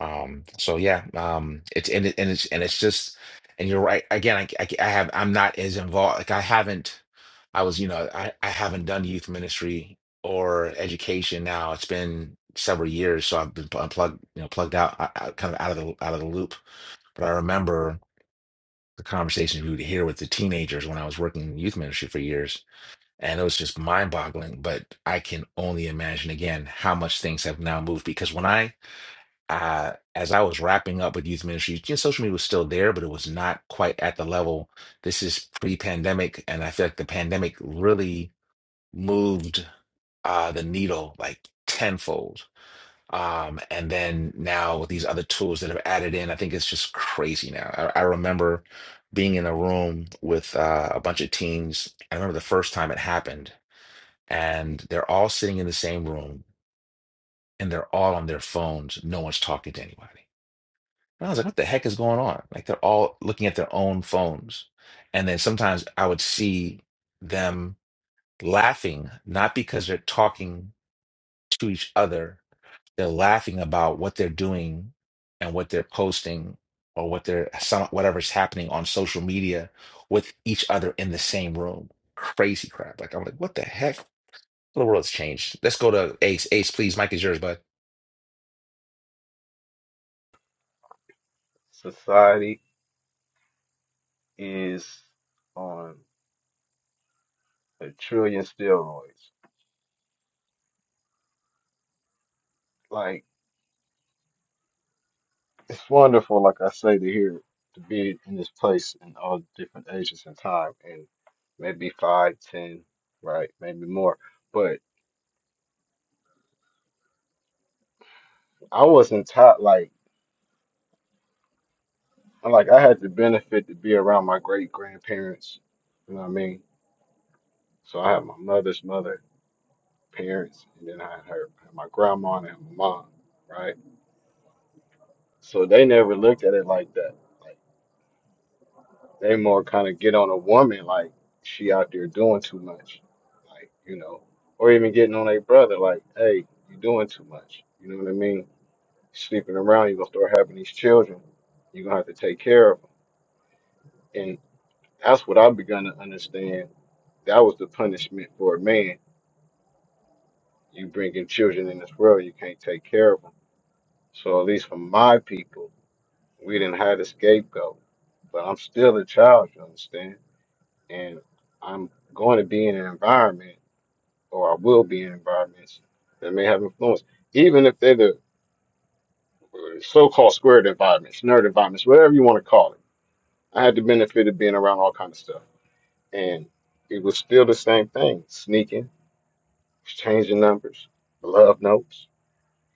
Um, so yeah, um, it's and it, and it's and it's just and you're right. Again, I, I I have I'm not as involved. Like I haven't, I was, you know, I I haven't done youth ministry or education now. It's been several years, so I've been pl- plugged, you know, plugged out, I, I, kind of out of the out of the loop. But I remember the conversations we would hear with the teenagers when I was working in youth ministry for years, and it was just mind-boggling. But I can only imagine again how much things have now moved because when I uh, as I was wrapping up with youth ministry, just social media was still there, but it was not quite at the level. This is pre-pandemic, and I feel like the pandemic really moved uh, the needle like tenfold. Um, and then now with these other tools that have added in, I think it's just crazy now. I, I remember being in a room with uh, a bunch of teens. I remember the first time it happened, and they're all sitting in the same room, and they're all on their phones. No one's talking to anybody and I was like, what the heck is going on? Like they're all looking at their own phones. And then sometimes I would see them laughing, not because they're talking to each other, they're laughing about what they're doing and what they're posting or what they're some whatever's happening on social media with each other in the same room. Crazy crap. Like I'm like, what the heck? The world's changed. Let's go to Ace. Ace, please. Mike is yours, bud. society is on a trillion steroids. Like it's wonderful, like I say, to hear to be in this place in all different ages and time, and maybe five, ten, right, maybe more. But I wasn't taught like like I had the benefit to be around my great grandparents. You know what I mean? So I had my mother's mother, parents, and then I had her, my grandma and my mom, right? So they never looked at it like that. Like, They more kind of get on a woman like she out there doing too much, like you know, or even getting on a brother like, hey, you doing too much. You know what I mean? Sleeping around, you gonna start having these children. You're gonna have to take care of them. And that's what I've begun to understand. That was the punishment for a man. You bringing children in this world, you can't take care of them. So at least for my people, we didn't have a scapegoat. But I'm still a child, you understand? And I'm going to be in an environment. or I will be in environments that may have influence, even if they're the uh, so-called squared environments, nerd environments, whatever you want to call it. I had the benefit of being around all kind of stuff, and it was still the same thing: sneaking, exchanging numbers, love notes.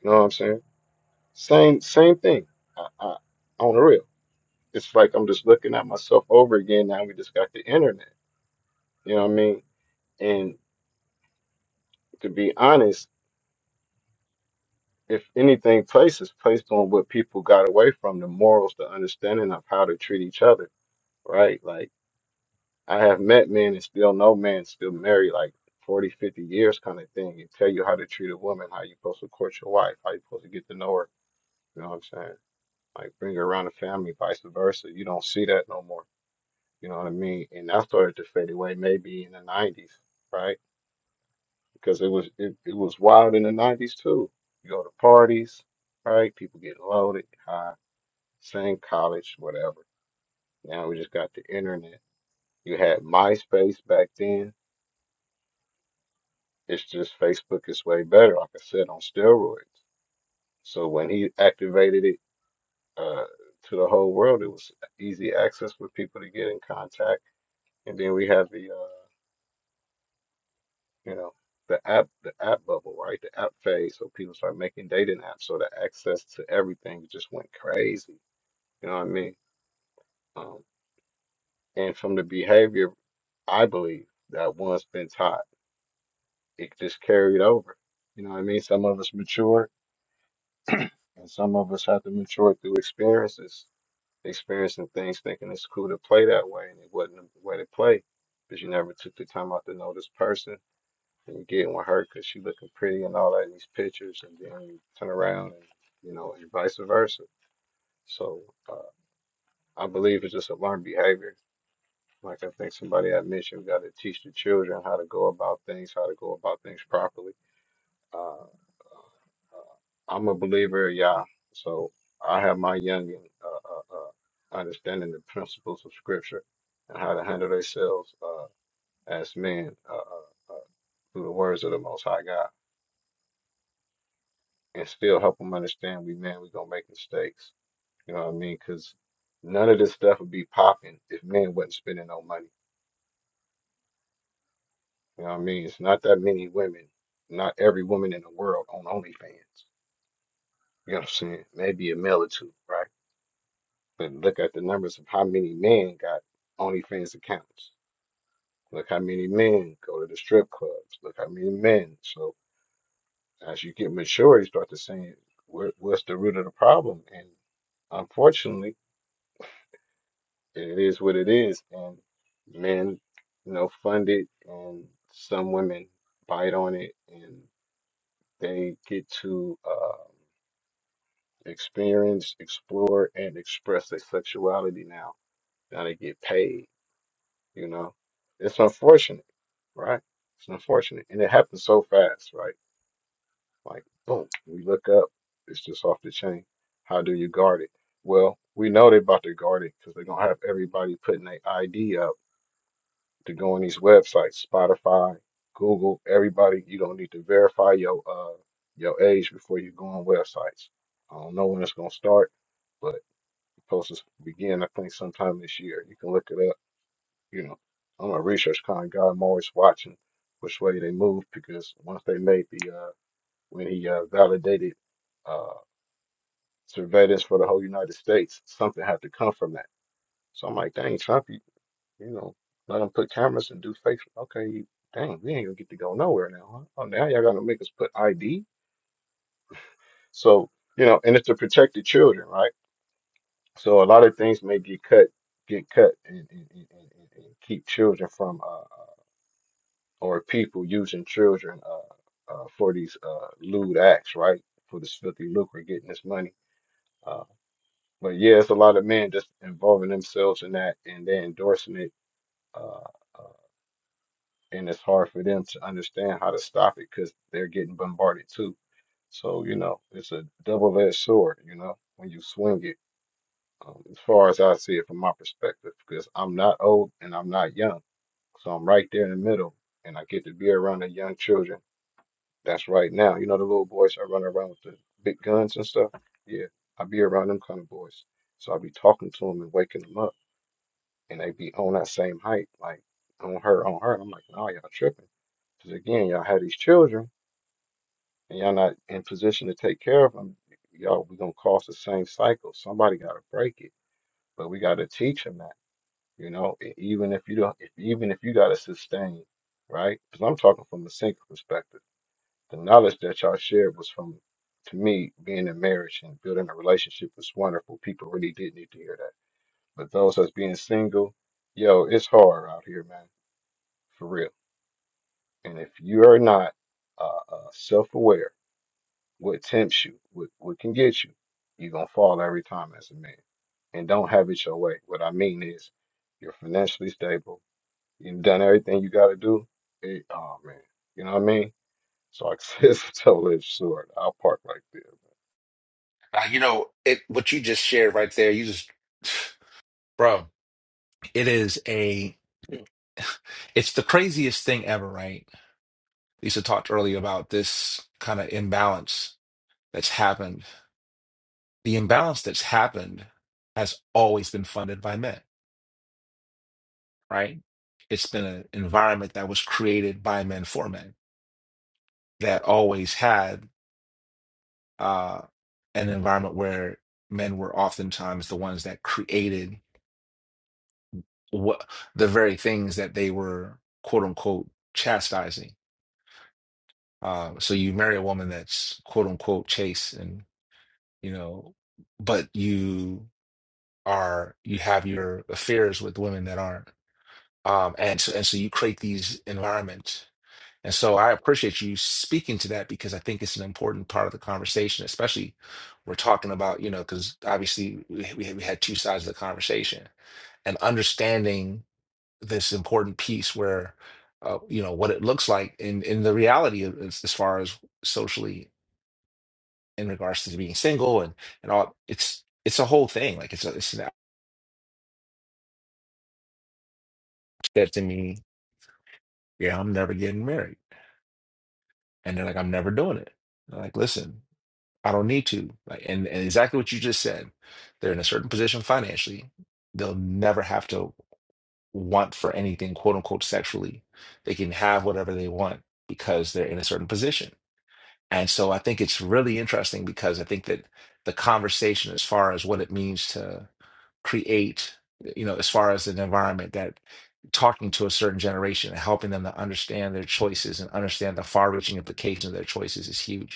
You know what I'm saying? Same, same thing. I, I, on the real, it's like I'm just looking at myself over again. Now we just got the internet. You know what I mean? And to be honest if anything, place is placed on what people got away from the morals, the understanding of how to treat each other, right? Like, I have met men and still know men still married like 40, 50 years kind of thing and tell you how to treat a woman, how you supposed to court your wife, how you supposed to get to know her. You know what I'm saying? Like, bring her around the family, vice versa. You don't see that no more. You know what I mean? And that started to fade away maybe in the 90s, right? Because it was it, it was wild in the 90s too. You go to parties, right? People get loaded, high same college, whatever. Now we just got the internet. You had MySpace back then. It's just Facebook is way better, like I said, on steroids. So when he activated it uh, to the whole world, it was easy access for people to get in contact. And then we have the, uh, you know, the app, the app bubble, right? The app phase. So people start making dating apps. So the access to everything just went crazy. You know what I mean? Um, and from the behavior, I believe that one's been tied. it just carried over. You know what I mean? Some of us mature, and some of us have to mature through experiences, experiencing things, thinking it's cool to play that way, and it wasn't the way to play because you never took the time out to know this person. And you get with her because she looking pretty and all that in these pictures, and then you turn around and you know, and vice versa. So uh, I believe it's just a learned behavior. Like I think somebody had mentioned, we got to teach the children how to go about things, how to go about things properly Uh, uh, I'm a believer, yeah. So I have my young uh, uh, uh, understanding the principles of Scripture and how to handle ourselves uh, as men uh, uh, uh, through the words of the Most High God, and still help them understand we men we gonna make mistakes. You know what I mean? Because none of this stuff would be popping if men wasn't spending no money. You know what I mean? It's not that many women, not every woman in the world on OnlyFans. You know what I'm saying? Maybe a male or two, right? But look at the numbers of how many men got OnlyFans accounts. Look how many men go to the strip clubs. Look how many men. So as you get mature, you start to say, what, what's the root of the problem? And unfortunately, it is what it is. And men, you know, fund it, and some women bite on it, and they get to uh, experience, explore, and express their sexuality now. Now they get paid You know, it's unfortunate, right? It's unfortunate, and it happens so fast, right? Like boom, we look up, it's just off the chain. How do you guard it? Well, we know they're about to guard it because they're gonna have everybody putting their ID up to go on these websites, Spotify, Google, everybody. You don't need to verify your uh your age before you go on websites. I don't know when it's gonna start, but it's supposed to begin. I think sometime this year. You can look it up you know, I'm a research kind of guy. I'm always watching which way they move because once they made the uh, when he uh, validated uh, surveillance for the whole United States, something had to come from that. So I'm like, dang, Trump, you, you know, let him put cameras and do fake. Okay, you, dang, we ain't gonna get to go nowhere now. Huh? Oh, now y'all gonna make us put ID. So you know, and it's to protect the children, right? So a lot of things may get cut, get cut, and and, and, and, and keep children from. uh, or people using children uh, uh, for these uh, lewd acts, right? For this filthy lucre, getting this money. Uh, but yeah, it's a lot of men just involving themselves in that and they're endorsing it. Uh, uh, and it's hard for them to understand how to stop it because they're getting bombarded too. So, you know, it's a double edged sword, you know, when you swing it, um, as far as I see it from my perspective, because I'm not old and I'm not young. So I'm right there in the middle and I get to be around the young children That's right now. You know the little boys are running around with the big guns and stuff. Yeah, I be around them kind of boys. So I be talking to them and waking them up, and they be on that same height, like on her, on her. And I'm like, no, y'all tripping, because again, y'all have these children, and y'all not in position to take care of them. Y'all, we gonna cause the same cycle. Somebody gotta break it, but we gotta teach them that, you know. e- Even if you don't, if even if you gotta sustain, right? Because I'm talking from a single perspective. The knowledge that y'all shared was from, to me, being in marriage and building a relationship was wonderful. People really did need to hear that. But those that's being single, yo, it's hard out here, man, for real. And if you are not uh, uh, self-aware, what tempts you, what, what can get you, you're gonna fall every time as a man. And don't have it your way. What I mean is, you're financially stable. You've done everything you got to do. It, oh man, you know what I mean? So I [LAUGHS] said it's a double-edged sword. I'll park right there. Uh, you know, it what you just shared right there, you just [SIGHS] bro. It is a it's the craziest thing ever, right? Lisa talked earlier about this kind of imbalance that's happened. The imbalance that's happened has always been funded by men, right? It's been an environment that was created by men for men that always had uh, an environment where men were oftentimes the ones that created what the very things that they were quote unquote chastising Uh, so you marry a woman that's quote unquote chaste and you know, but you are you have your affairs with women that aren't. Um, and so and so you create these environments. And so I appreciate you speaking to that because I think it's an important part of the conversation, especially we're talking about, you know, because obviously we, we we had two sides of the conversation and understanding this important piece where, uh, you know, what it looks like in in the reality of, as, as far as socially in regards to being single and and all it's it's a whole thing like it's a, it's an that to me yeah i'm never getting married and they're like i'm never doing it And I'm like listen i don't need to like and, and exactly what you just said they're in a certain position financially they'll never have to want for anything quote unquote sexually they can have whatever they want because they're in a certain position And so I think it's really interesting because I think that the conversation as far as what it means to create, you know, as far as an environment that talking to a certain generation and helping them to understand their choices and understand the far-reaching implications of their choices is huge.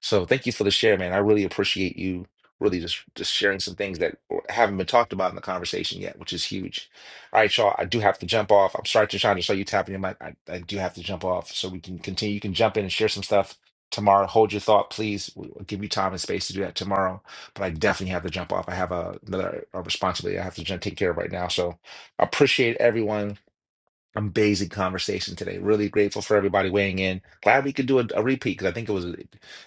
So thank you for the share, man. I really appreciate you really just just sharing some things that haven't been talked about in the conversation yet, which is huge. All right, y'all. I do have to jump off. I'm sorry to try to show you tapping your mic. I, I do have to jump off so we can continue. You can jump in and share some stuff tomorrow. Hold your thought, please. We'll give you time and space to do that tomorrow. But I definitely have to jump off. I have a, another a responsibility I have to jump, take care of right now. So I appreciate everyone. Amazing conversation today. Really grateful for everybody weighing in. Glad we could do a, a repeat because I think it was,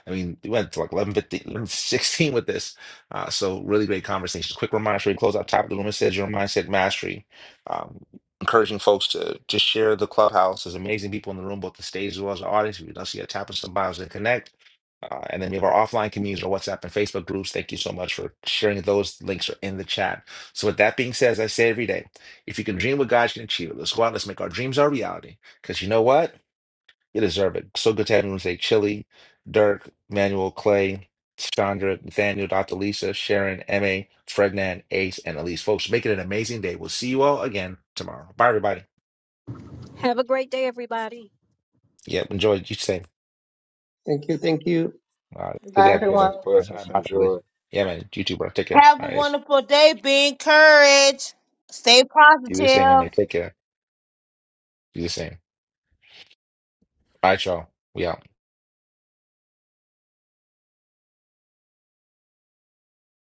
I mean, we went to like 11, fifteen, eleven sixteen with this. Uh, so really great conversations. Quick reminder, before we close out top of the room, it says your mindset mastery. Um, encouraging folks to just share the clubhouse. There's amazing people in the room, both the stage as well as the audience. If you don't see a tap on some bios and connect. Uh, and then we have our offline communities, our WhatsApp and Facebook groups. Thank you so much for sharing those. Links are in the chat. So with that being said, as I say every day. If you can dream what God can achieve it, let's go out. Let's make our dreams our reality. Because you know what? You deserve it. So good to have everyone say Chili, Dirk, Manuel, Clay, Chandra, Nathaniel, Dr. Lisa, Sharon, Emma, Frednan, Ace, and Elise. Folks, make it an amazing day. We'll see you all again tomorrow. Bye, everybody. Have a great day, everybody. Yeah, enjoy. You same. Thank you. Thank you. Uh, good to have you. Peace and Take care. All blessings. right, bye, Dr. Lisa. Enjoy. Yeah, man. You too, bro. Take care. Have All a right, Ace. wonderful day. Be encouraged. Stay You the same, Emma. positive. Take care. You the same. All right, y'all. We out.